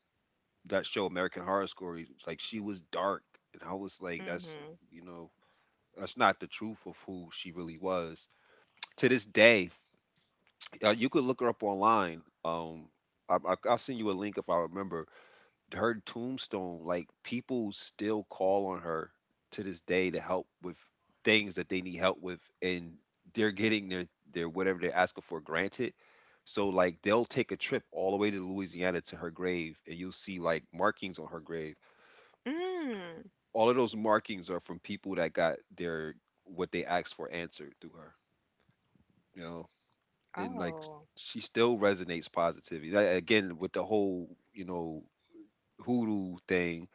[SPEAKER 1] that show American Horror Story, like she was dark, and I was like that's
[SPEAKER 2] Mhm.
[SPEAKER 1] you know that's not the truth of who she really was. To this day, you could look her up online. I'll send you a link if I remember her tombstone, like people still call on her to this day to help with things that they need help with, and they're getting their whatever they're asking for granted. So like they'll take a trip all the way to Louisiana to her grave, and you'll see like markings on her grave.
[SPEAKER 2] Mm.
[SPEAKER 1] All of those markings are from people that got their what they asked for answered through her, you know, and like
[SPEAKER 2] Oh.
[SPEAKER 1] she still resonates positivity. Like, again, with the whole you know hoodoo thing,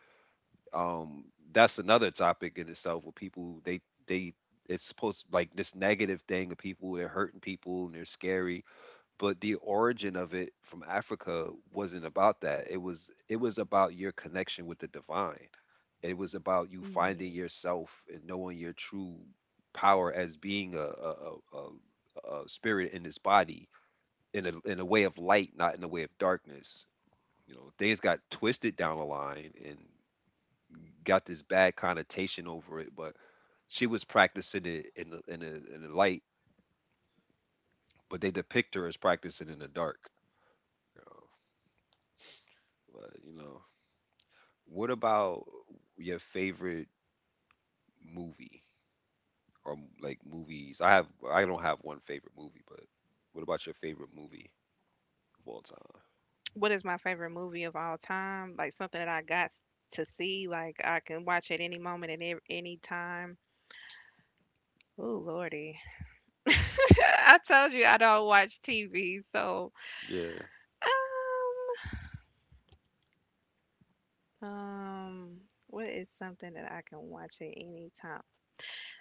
[SPEAKER 1] um that's another topic in itself with people they it's supposed like this negative thing of people they're hurting people and they're scary, but the origin of it from Africa wasn't about that. It was about your connection with the divine. It was about you finding
[SPEAKER 2] Mm.
[SPEAKER 1] yourself and knowing your true power as being a spirit in this body, in a way of light, not in a way of darkness. You know, things got twisted down the line and got this bad connotation over it, but she was practicing it in the in the in the light, but they depict her as practicing in the dark. You know? But you know, what about your favorite movie or like movies? I have I don't have one favorite movie, but what about your favorite movie of all time?
[SPEAKER 2] What is my favorite movie of all time? Like something that I got s- to see. Like I can watch at any moment and ev- any time. Oh lordy. <laughs> I told you I don't watch TV, so
[SPEAKER 1] Yeah,
[SPEAKER 2] um, um, what is something that I can watch at any time?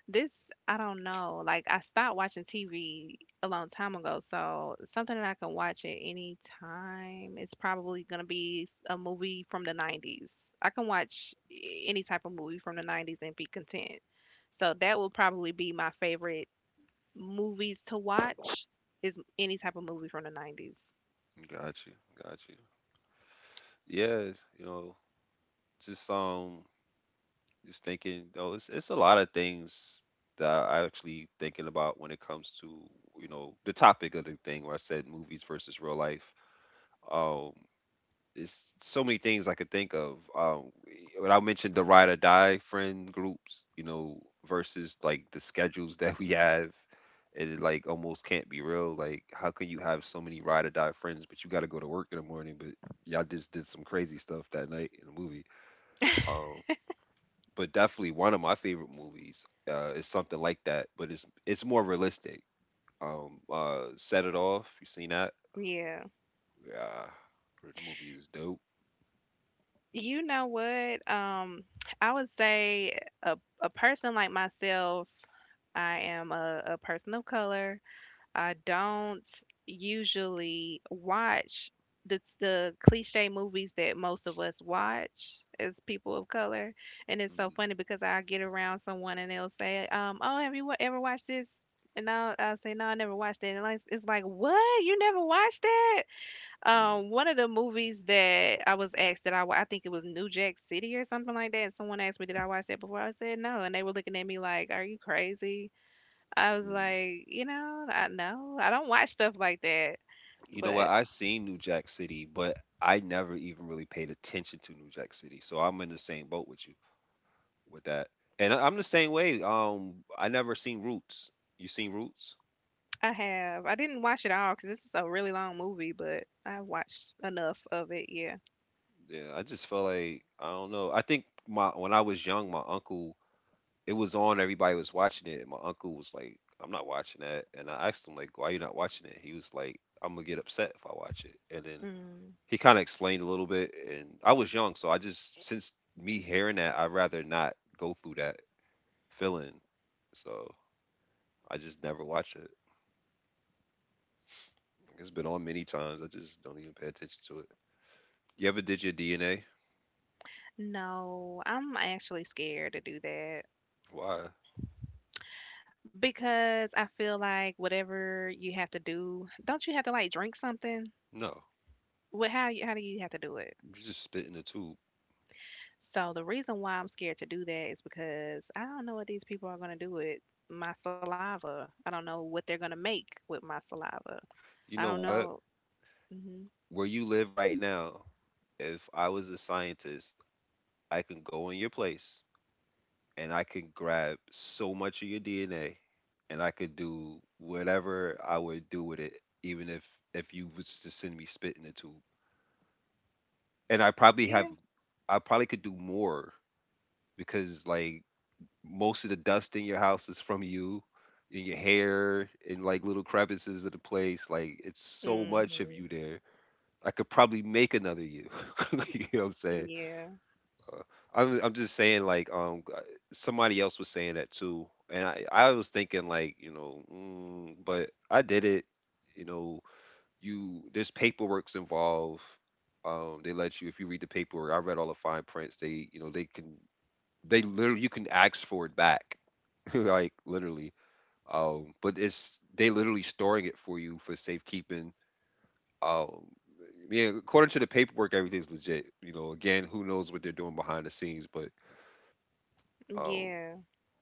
[SPEAKER 2] This I don't know. Like I stopped watching TV a long time ago, so something that I can watch at any time is probably gonna be a movie from the 90s. I can watch any type of movie from the 90s and be content. So that will probably be my favorite movies to watch is any type of movie from the 90s.
[SPEAKER 1] got you, got you. Yeah, you know, just just thinking, though, it's a lot of things that I actually thinking about when it comes to, you know, the topic of the thing where I said movies versus real life. Um, it's so many things I could think of. When I mentioned the ride or die friend groups, you know, versus like the schedules <laughs> that we have, and it like almost can't be real. Like, how can you have so many ride or die friends, but you got to go to work in the morning, but y'all just did some crazy stuff that night in the movie. Um, but definitely one of my favorite movies is something like that, but it's more realistic. Set It Off. You seen that?
[SPEAKER 2] Yeah.
[SPEAKER 1] Yeah, the movie is dope.
[SPEAKER 2] You know what? I would say a person like myself, I am a person of color. I don't usually watch the cliche movies that most of us watch as people of color, and it's so
[SPEAKER 1] Mhm,
[SPEAKER 2] funny because I get around someone and they'll say, "Oh, have you wa- ever watched this?" And I'll say, "No, I never watched it." And like, it's like, "What? You never watched that?"
[SPEAKER 1] mhm.
[SPEAKER 2] One of the movies that I was asked that I wa- I think it was New Jack City or something like that. And someone asked me, "Did I watch that before?" I said, "No," and they were looking at me like, "Are you crazy?" I was
[SPEAKER 1] Mhm.
[SPEAKER 2] like, you know I don't watch stuff like that,
[SPEAKER 1] You know what?
[SPEAKER 2] but
[SPEAKER 1] I seen New Jack City, but I never even really paid attention to New Jack City, so I'm in the same boat with you with that. And I, I'm the same way. I never seen Roots. You seen Roots?
[SPEAKER 2] I have. I didn't watch it all because this is a really long movie, but I watched enough of it. Yeah.
[SPEAKER 1] Yeah, I just felt like I don't know. I think my when I was young, my uncle it was on. Everybody was watching it, and my uncle was like, "I'm not watching that." And I asked him like, "Why you not watching it?" He was like, "I'm gonna get upset if I watch it." And then
[SPEAKER 2] Mm.
[SPEAKER 1] he kind of explained a little bit, and I was young, so I just since me hearing that, I'd rather not go through that feeling. So I just never watch it. It's been on many times. I just don't even pay attention to it. You ever did your DNA?
[SPEAKER 2] No, I'm actually scared to do that
[SPEAKER 1] Why?
[SPEAKER 2] because I feel like whatever you have to do, don't you have to like drink something?
[SPEAKER 1] No.
[SPEAKER 2] What how you how do you have to do it?
[SPEAKER 1] You just spit in the tube.
[SPEAKER 2] So the reason why I'm scared to do that is because I don't know what these people are gonna do with my saliva. I don't know what they're gonna make with my saliva. I
[SPEAKER 1] You
[SPEAKER 2] don't
[SPEAKER 1] know
[SPEAKER 2] know.
[SPEAKER 1] what?
[SPEAKER 2] Mhm.
[SPEAKER 1] Where you live right now, if I was a scientist, I can go in your place and I can grab so much of your DNA, and I could do whatever I would do with it, even if you was to send me spit in the tube. And I probably
[SPEAKER 2] Yeah.
[SPEAKER 1] have I probably could do more because like most of the dust in your house is from you in your hair in like little crevices of the place. Like it's so much of
[SPEAKER 2] Mhm.
[SPEAKER 1] you there. I could probably make another you. <laughs> You know what I'm saying?
[SPEAKER 2] Yeah.
[SPEAKER 1] Uh, I'm just saying like somebody else was saying that too, and I was thinking like you know, mm, but I did it. You know, you there's paperwork's involved. They let you if you read the paperwork. I read all the fine prints. They you know they can they literally you can ask for it back, <laughs> like literally. But it's they literally storing it for you for safekeeping. Um, yeah, according to the paperwork, everything's legit. You know, again, who knows what they're doing behind the scenes, but um,
[SPEAKER 2] Yeah.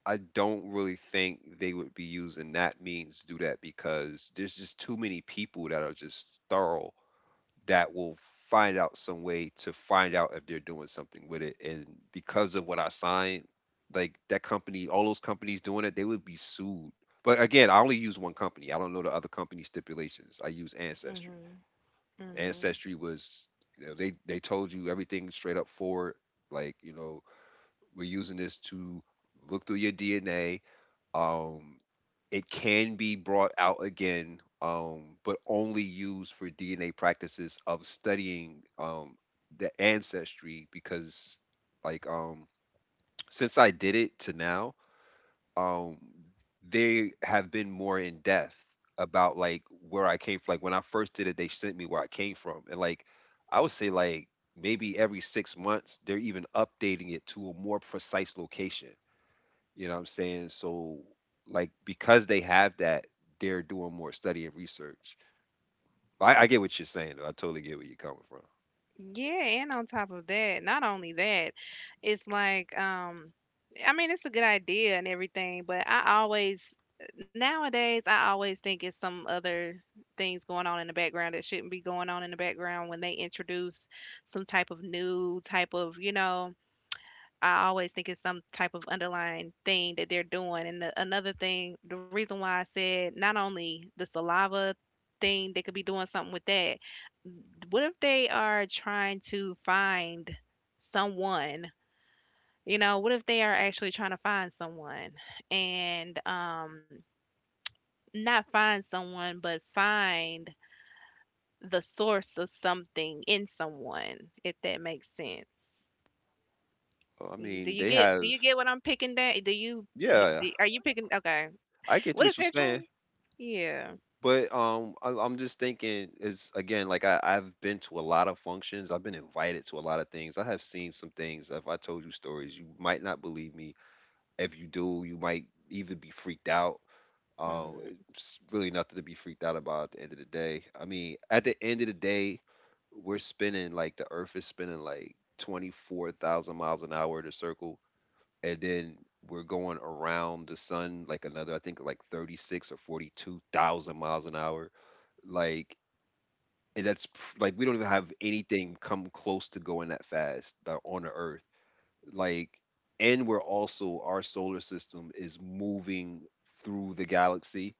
[SPEAKER 1] I don't really think they would be using that means to do that because there's just too many people that are just thorough that will find out some way to find out if they're doing something with it. And because of what I signed, like that company, all those companies doing it, they would be sued. But again, I only use one company. I don't know the other company stipulations. I use Ancestry.
[SPEAKER 2] Mhm. Mhm.
[SPEAKER 1] Ancestry was, they told you everything straight up forward. Like, we're using this to look through your DNA. um, it can be brought out again, but only used for DNA practices of studying the ancestry because, like, um, since I did it to now, um, they have been more in depth about like where I came from. Like when I first did it, they sent me where I came from, and like I would say like maybe every 6 months they're even updating it to a more precise location. You know what I'm saying? So like because they have that, they're doing more study and research. I get what you're saying though. I totally get where you're coming from.
[SPEAKER 2] Yeah, and on top of that, not only that, it's like I mean, it's a good idea and everything, but I always nowadays I always think it's some other things going on in the background that shouldn't be going on in the background when they introduce some type of new type of, you know, I always think it's some type of underlying thing that they're doing. And the, another thing, the reason why I said not only the saliva thing, they could be doing something with that. What if they are trying to find someone? You know, what if they are actually trying to find someone and not find someone, but find the source of something in someone, if that makes sense.
[SPEAKER 1] Well, I
[SPEAKER 2] Y-
[SPEAKER 1] mean,
[SPEAKER 2] Do you
[SPEAKER 1] they
[SPEAKER 2] get
[SPEAKER 1] have
[SPEAKER 2] what I'm picking that? Do you h-
[SPEAKER 1] yeah,
[SPEAKER 2] do- are you picking okay.
[SPEAKER 1] I
[SPEAKER 2] What
[SPEAKER 1] get
[SPEAKER 2] if
[SPEAKER 1] what you're
[SPEAKER 2] they're trying?
[SPEAKER 1] saying.
[SPEAKER 2] Yeah.
[SPEAKER 1] But I'm just thinking is again, like I've been to a lot of functions. I've been invited to a lot of things. I have seen some things. If I told you stories, you might not believe me. If you do, you might even be freaked out. Um,
[SPEAKER 2] Mm,
[SPEAKER 1] it's really nothing to be freaked out about at the end of the day. I mean, at the end of the day, we're spinning like the Earth is spinning like 24,000 miles an hour in a circle, and then we're going around the sun like another, I think like 36 or 42,000 miles an hour. Like, and that's like we don't even have anything come close to going that fast on the Earth. Like, and we're also our solar system is moving through the galaxy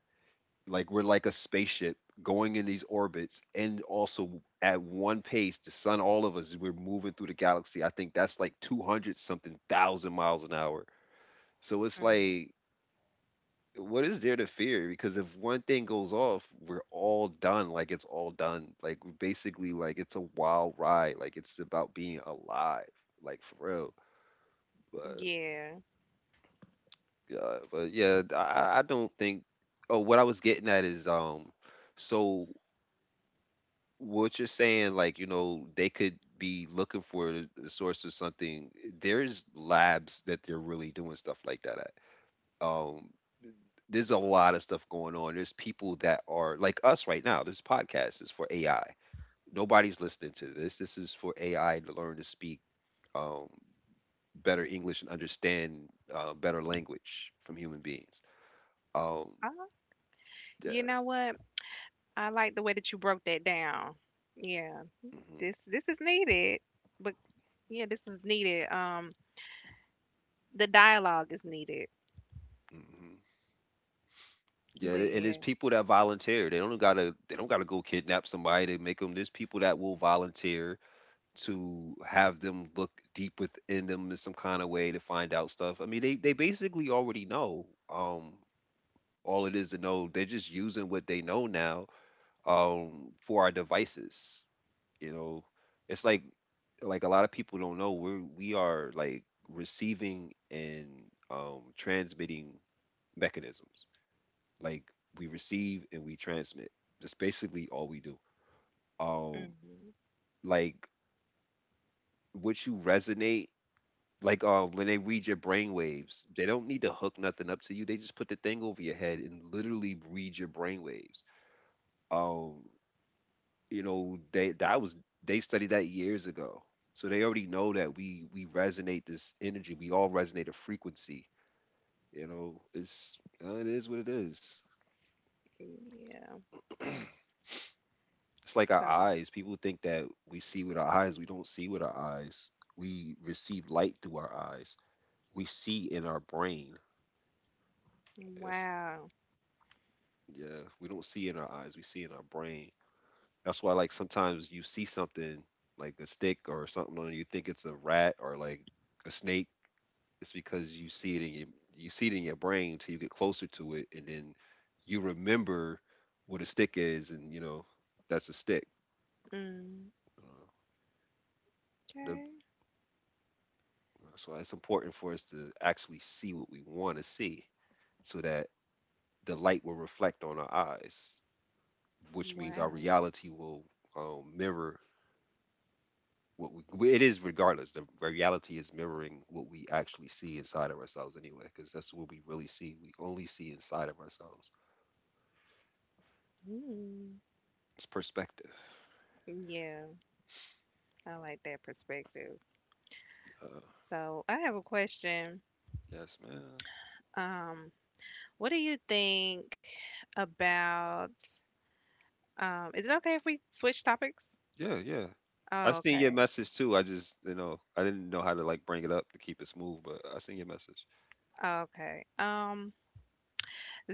[SPEAKER 1] like we're like a spaceship going in these orbits and also at one pace, the sun, all of us, we're moving through the galaxy. I think that's like 200 something thousand miles an hour. So it's
[SPEAKER 2] mm,
[SPEAKER 1] like, what is there to fear? Because if one thing goes off, we're all done. Like it's all done. Like we're basically, like it's a wild ride. Like it's about being alive. Like for real. But
[SPEAKER 2] yeah.
[SPEAKER 1] yeah, but yeah, I don't think. Oh, what I was getting at is so what you're saying, like, you know, they could be looking for the source of something. There's labs that they're really doing stuff like that at. Um, there's a lot of stuff going on. There's people that are like us right now. This podcast is for AI. Nobody's listening to this. This is for AI to learn to speak um, better English and understand better language from human beings. Um,
[SPEAKER 2] Uh, you
[SPEAKER 1] yeah.
[SPEAKER 2] know what? I like the way that you broke that down. Yeah. This is needed. But yeah, this is needed. The dialogue is needed.
[SPEAKER 1] Hmm.
[SPEAKER 2] But
[SPEAKER 1] And
[SPEAKER 2] yeah.
[SPEAKER 1] it's people that volunteer. They don't gotta. They don't gotta go kidnap somebody to make them. There's people that will volunteer to have them look deep within them in some kind of way to find out stuff. I mean, they basically already know. All it is to know. They're just using what they know now. For our devices. You know, it's like a lot of people don't know we are like receiving and transmitting mechanisms. Like we receive and we transmit. That's basically all we do. Um,
[SPEAKER 2] Hmm.
[SPEAKER 1] like what you resonate, like when they read your brainwaves, they don't need to hook nothing up to you. They just put the thing over your head and literally read your brainwaves. Um, you know, they studied that years ago. So they already know that we resonate this energy. We all resonate a frequency. You know, it's it is what it is.
[SPEAKER 2] Yeah.
[SPEAKER 1] <clears throat> It's like our
[SPEAKER 2] So,
[SPEAKER 1] eyes. People think that we see with our eyes. We don't see with our eyes. We receive light through our eyes. We see in our brain. That's,
[SPEAKER 2] wow.
[SPEAKER 1] yeah, we don't see in our eyes. We see in our brain. That's why, like, sometimes you see something like a stick or something, and you think it's a rat or like a snake. It's because you see it in your you see it in your brain until you get closer to it, and then you remember what a stick is, and you know that's a stick.
[SPEAKER 2] Mm,
[SPEAKER 1] Uh, the
[SPEAKER 2] okay.
[SPEAKER 1] That's why it's important for us to actually see what we want to see so that the light will reflect on our eyes, which means our
[SPEAKER 2] Wow.
[SPEAKER 1] reality will mirror well, it is regardless. The reality is mirroring what we actually see inside of ourselves anyway, because that's what we really see. We only see inside of ourselves.
[SPEAKER 2] Mm,
[SPEAKER 1] It's perspective.
[SPEAKER 2] yeah. I like that perspective.
[SPEAKER 1] Uh,
[SPEAKER 2] So I have a question.
[SPEAKER 1] yes, man.
[SPEAKER 2] Um, what do you think about, is it okay if we switch topics?
[SPEAKER 1] Yeah, yeah. I
[SPEAKER 2] Oh,
[SPEAKER 1] seen your
[SPEAKER 2] okay.
[SPEAKER 1] message too. I just, you know, I didn't know how to like bring it up to keep it smooth, but I seen your message.
[SPEAKER 2] Okay.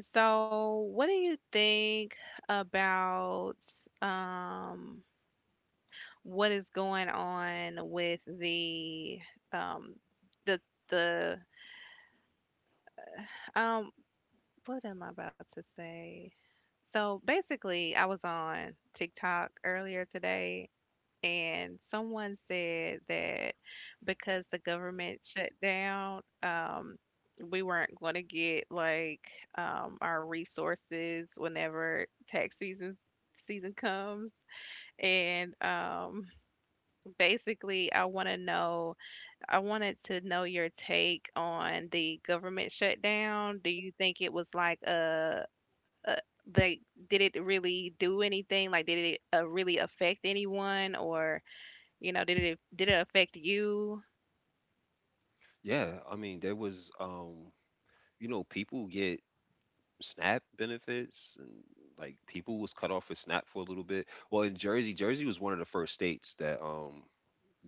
[SPEAKER 2] So what do you think about, um, what is going on with the, um, the, the, um, what am I about to say? So basically, I was on TikTok earlier today and someone said that because the government shut down, we weren't going to get like our resources whenever tax season comes and <laughs> basically I wanted to know your take on the government shutdown. Do you think it was like a like did it really do anything? Like did it really affect anyone or you know, did it affect you?
[SPEAKER 1] Yeah, I mean, there was you know, people get SNAP benefits and like people was cut off for SNAP for a little bit. Well, in Jersey, Jersey was one of the first states that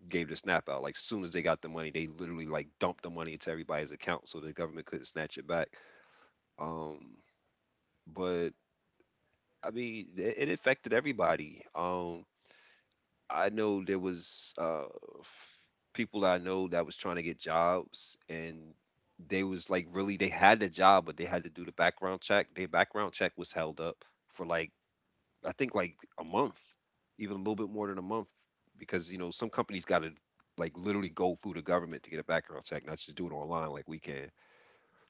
[SPEAKER 1] gave the SNAP out. Like soon as they got the money, they literally like dumped the money into everybody's account so the government couldn't snatch it back. Um, but I mean, it affected everybody. I know there was f- people that I know that was trying to get jobs, and they was like really they had the job, but they had to do the background check. Their background check was held up for like I think like a month, even a little bit more than a month, because you know some companies got to like literally go through the government to get a background check, not just do it online like we can.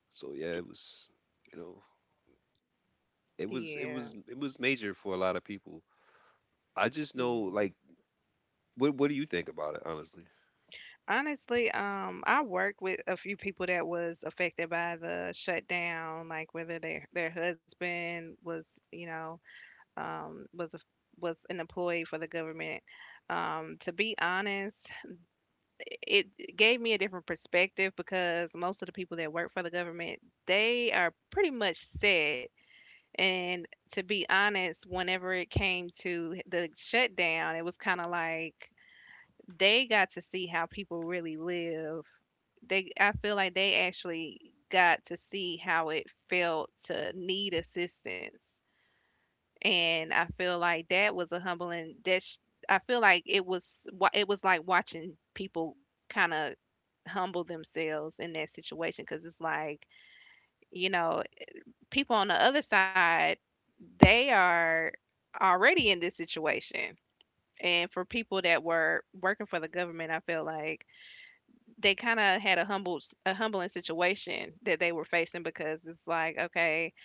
[SPEAKER 1] So yeah, it was you know it was it
[SPEAKER 2] Yeah.
[SPEAKER 1] was it was major for a lot of people. I just know
[SPEAKER 2] Yeah.
[SPEAKER 1] like what do you think about it honestly?
[SPEAKER 2] Honestly, I worked with a few people that was affected by the shutdown, like whether their husband was, you know, um, was a was an employee for the government. To be honest, it gave me a different perspective because most of the people that work for the government, they are pretty much set. And to be honest, whenever it came to the shutdown, it was kind of like they got to see how people really live. They, I feel like they actually got to see how it felt to need assistance. And I feel like that was a humbling. That sh- I feel like it was wa- it was like watching people kind of humble themselves in that situation because it's like you know people on the other side, they are already in this situation. And for people that were working for the government, I feel like they kind of had a humbling situation that they were facing because it's like okay,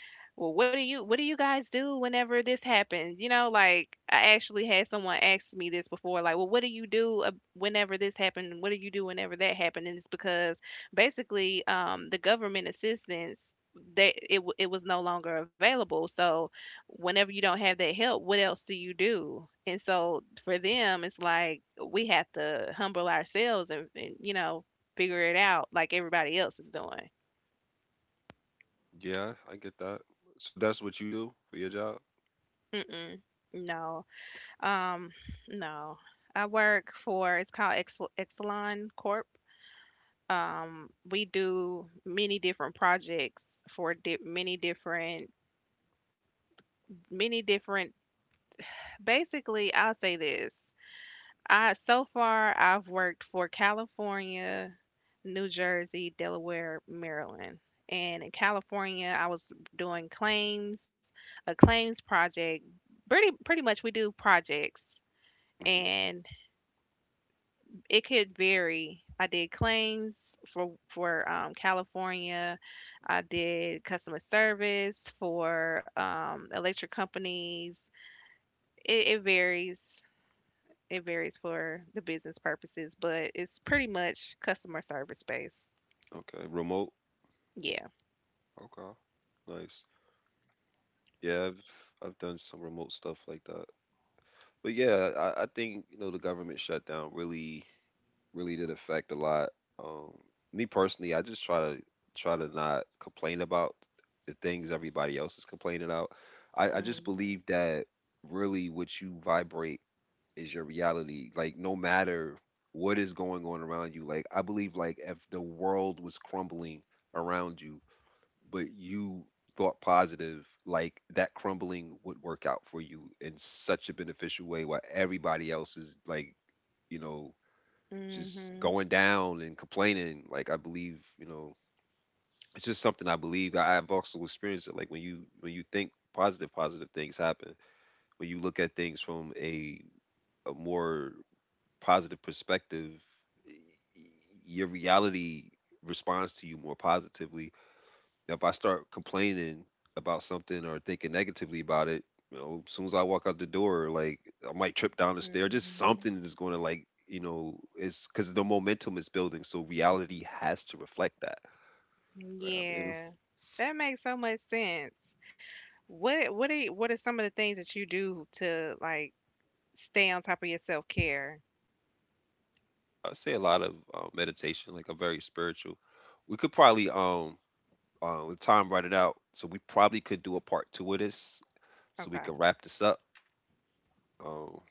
[SPEAKER 2] well what do you guys do whenever this happens? You know, like I actually had someone ask me this before like, well, what do you do whenever this happened? What do you do whenever that happened? And it's because basically the government assistance that it, w- it was no longer available, so whenever you don't have that help, what else do you do? And so for them it's like we have to humble ourselves, and you know, figure it out like everybody else is doing.
[SPEAKER 1] Yeah, I get that. So that's what you do for your job?
[SPEAKER 2] Mm-mm. No. Um, no. I work for, it's called Ex- Exelon Corp. We do many different projects for di- many different, basically, I'll say this. I so far I've worked for California, New Jersey, Delaware, Maryland. And in California, I was doing claims, a claims project. Pretty much we do projects
[SPEAKER 1] Hmm.
[SPEAKER 2] and it could vary. I did claims for California. I did customer service for electric companies. It varies. It varies for the business purposes, but it's pretty much customer service based.
[SPEAKER 1] Okay, remote.
[SPEAKER 2] Yeah.
[SPEAKER 1] Okay, nice. Yeah, I've done some remote stuff like that. But yeah, I think you know the government shutdown really really did affect a lot. Um, Me personally, I just try to try to not complain about the things everybody else is complaining about. I just
[SPEAKER 2] Mhm.
[SPEAKER 1] believe that really what you vibrate is your reality. Like no matter what is going on around you. Like I believe like if the world was crumbling around you, but you thought positive, like that crumbling would work out for you in such a beneficial way while everybody else is like, you know, just
[SPEAKER 2] Mhm.
[SPEAKER 1] going down and complaining. Like I believe, you know, it's just something I believe. I've also experienced it. Like when you think positive, positive things happen. When you look at things from a more positive perspective, y- y- your reality responds to you more positively. Now, if I start complaining about something or thinking negatively about it, you know, as soon as I walk out the door, like I might trip down the stair, just
[SPEAKER 2] Mhm.
[SPEAKER 1] something is going to like, you know, it's because the momentum is building. So reality has to reflect that. Right? I mean,
[SPEAKER 2] Yeah. That makes so much sense. What are some of the things that you do to like stay on top of your self-care?
[SPEAKER 1] I say a lot of meditation, like I'm very spiritual. We could probably, with time running out, so we probably could do a part 2 of this so we
[SPEAKER 2] Okay.
[SPEAKER 1] can wrap this up. Um,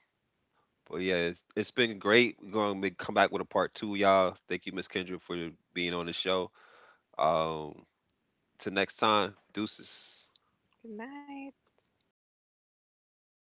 [SPEAKER 1] but yeah, it's been great. Come back with a part 2, y'all. Thank you, Miss Kendra, for being on the show. Um, till next time, deuces.
[SPEAKER 2] Good night.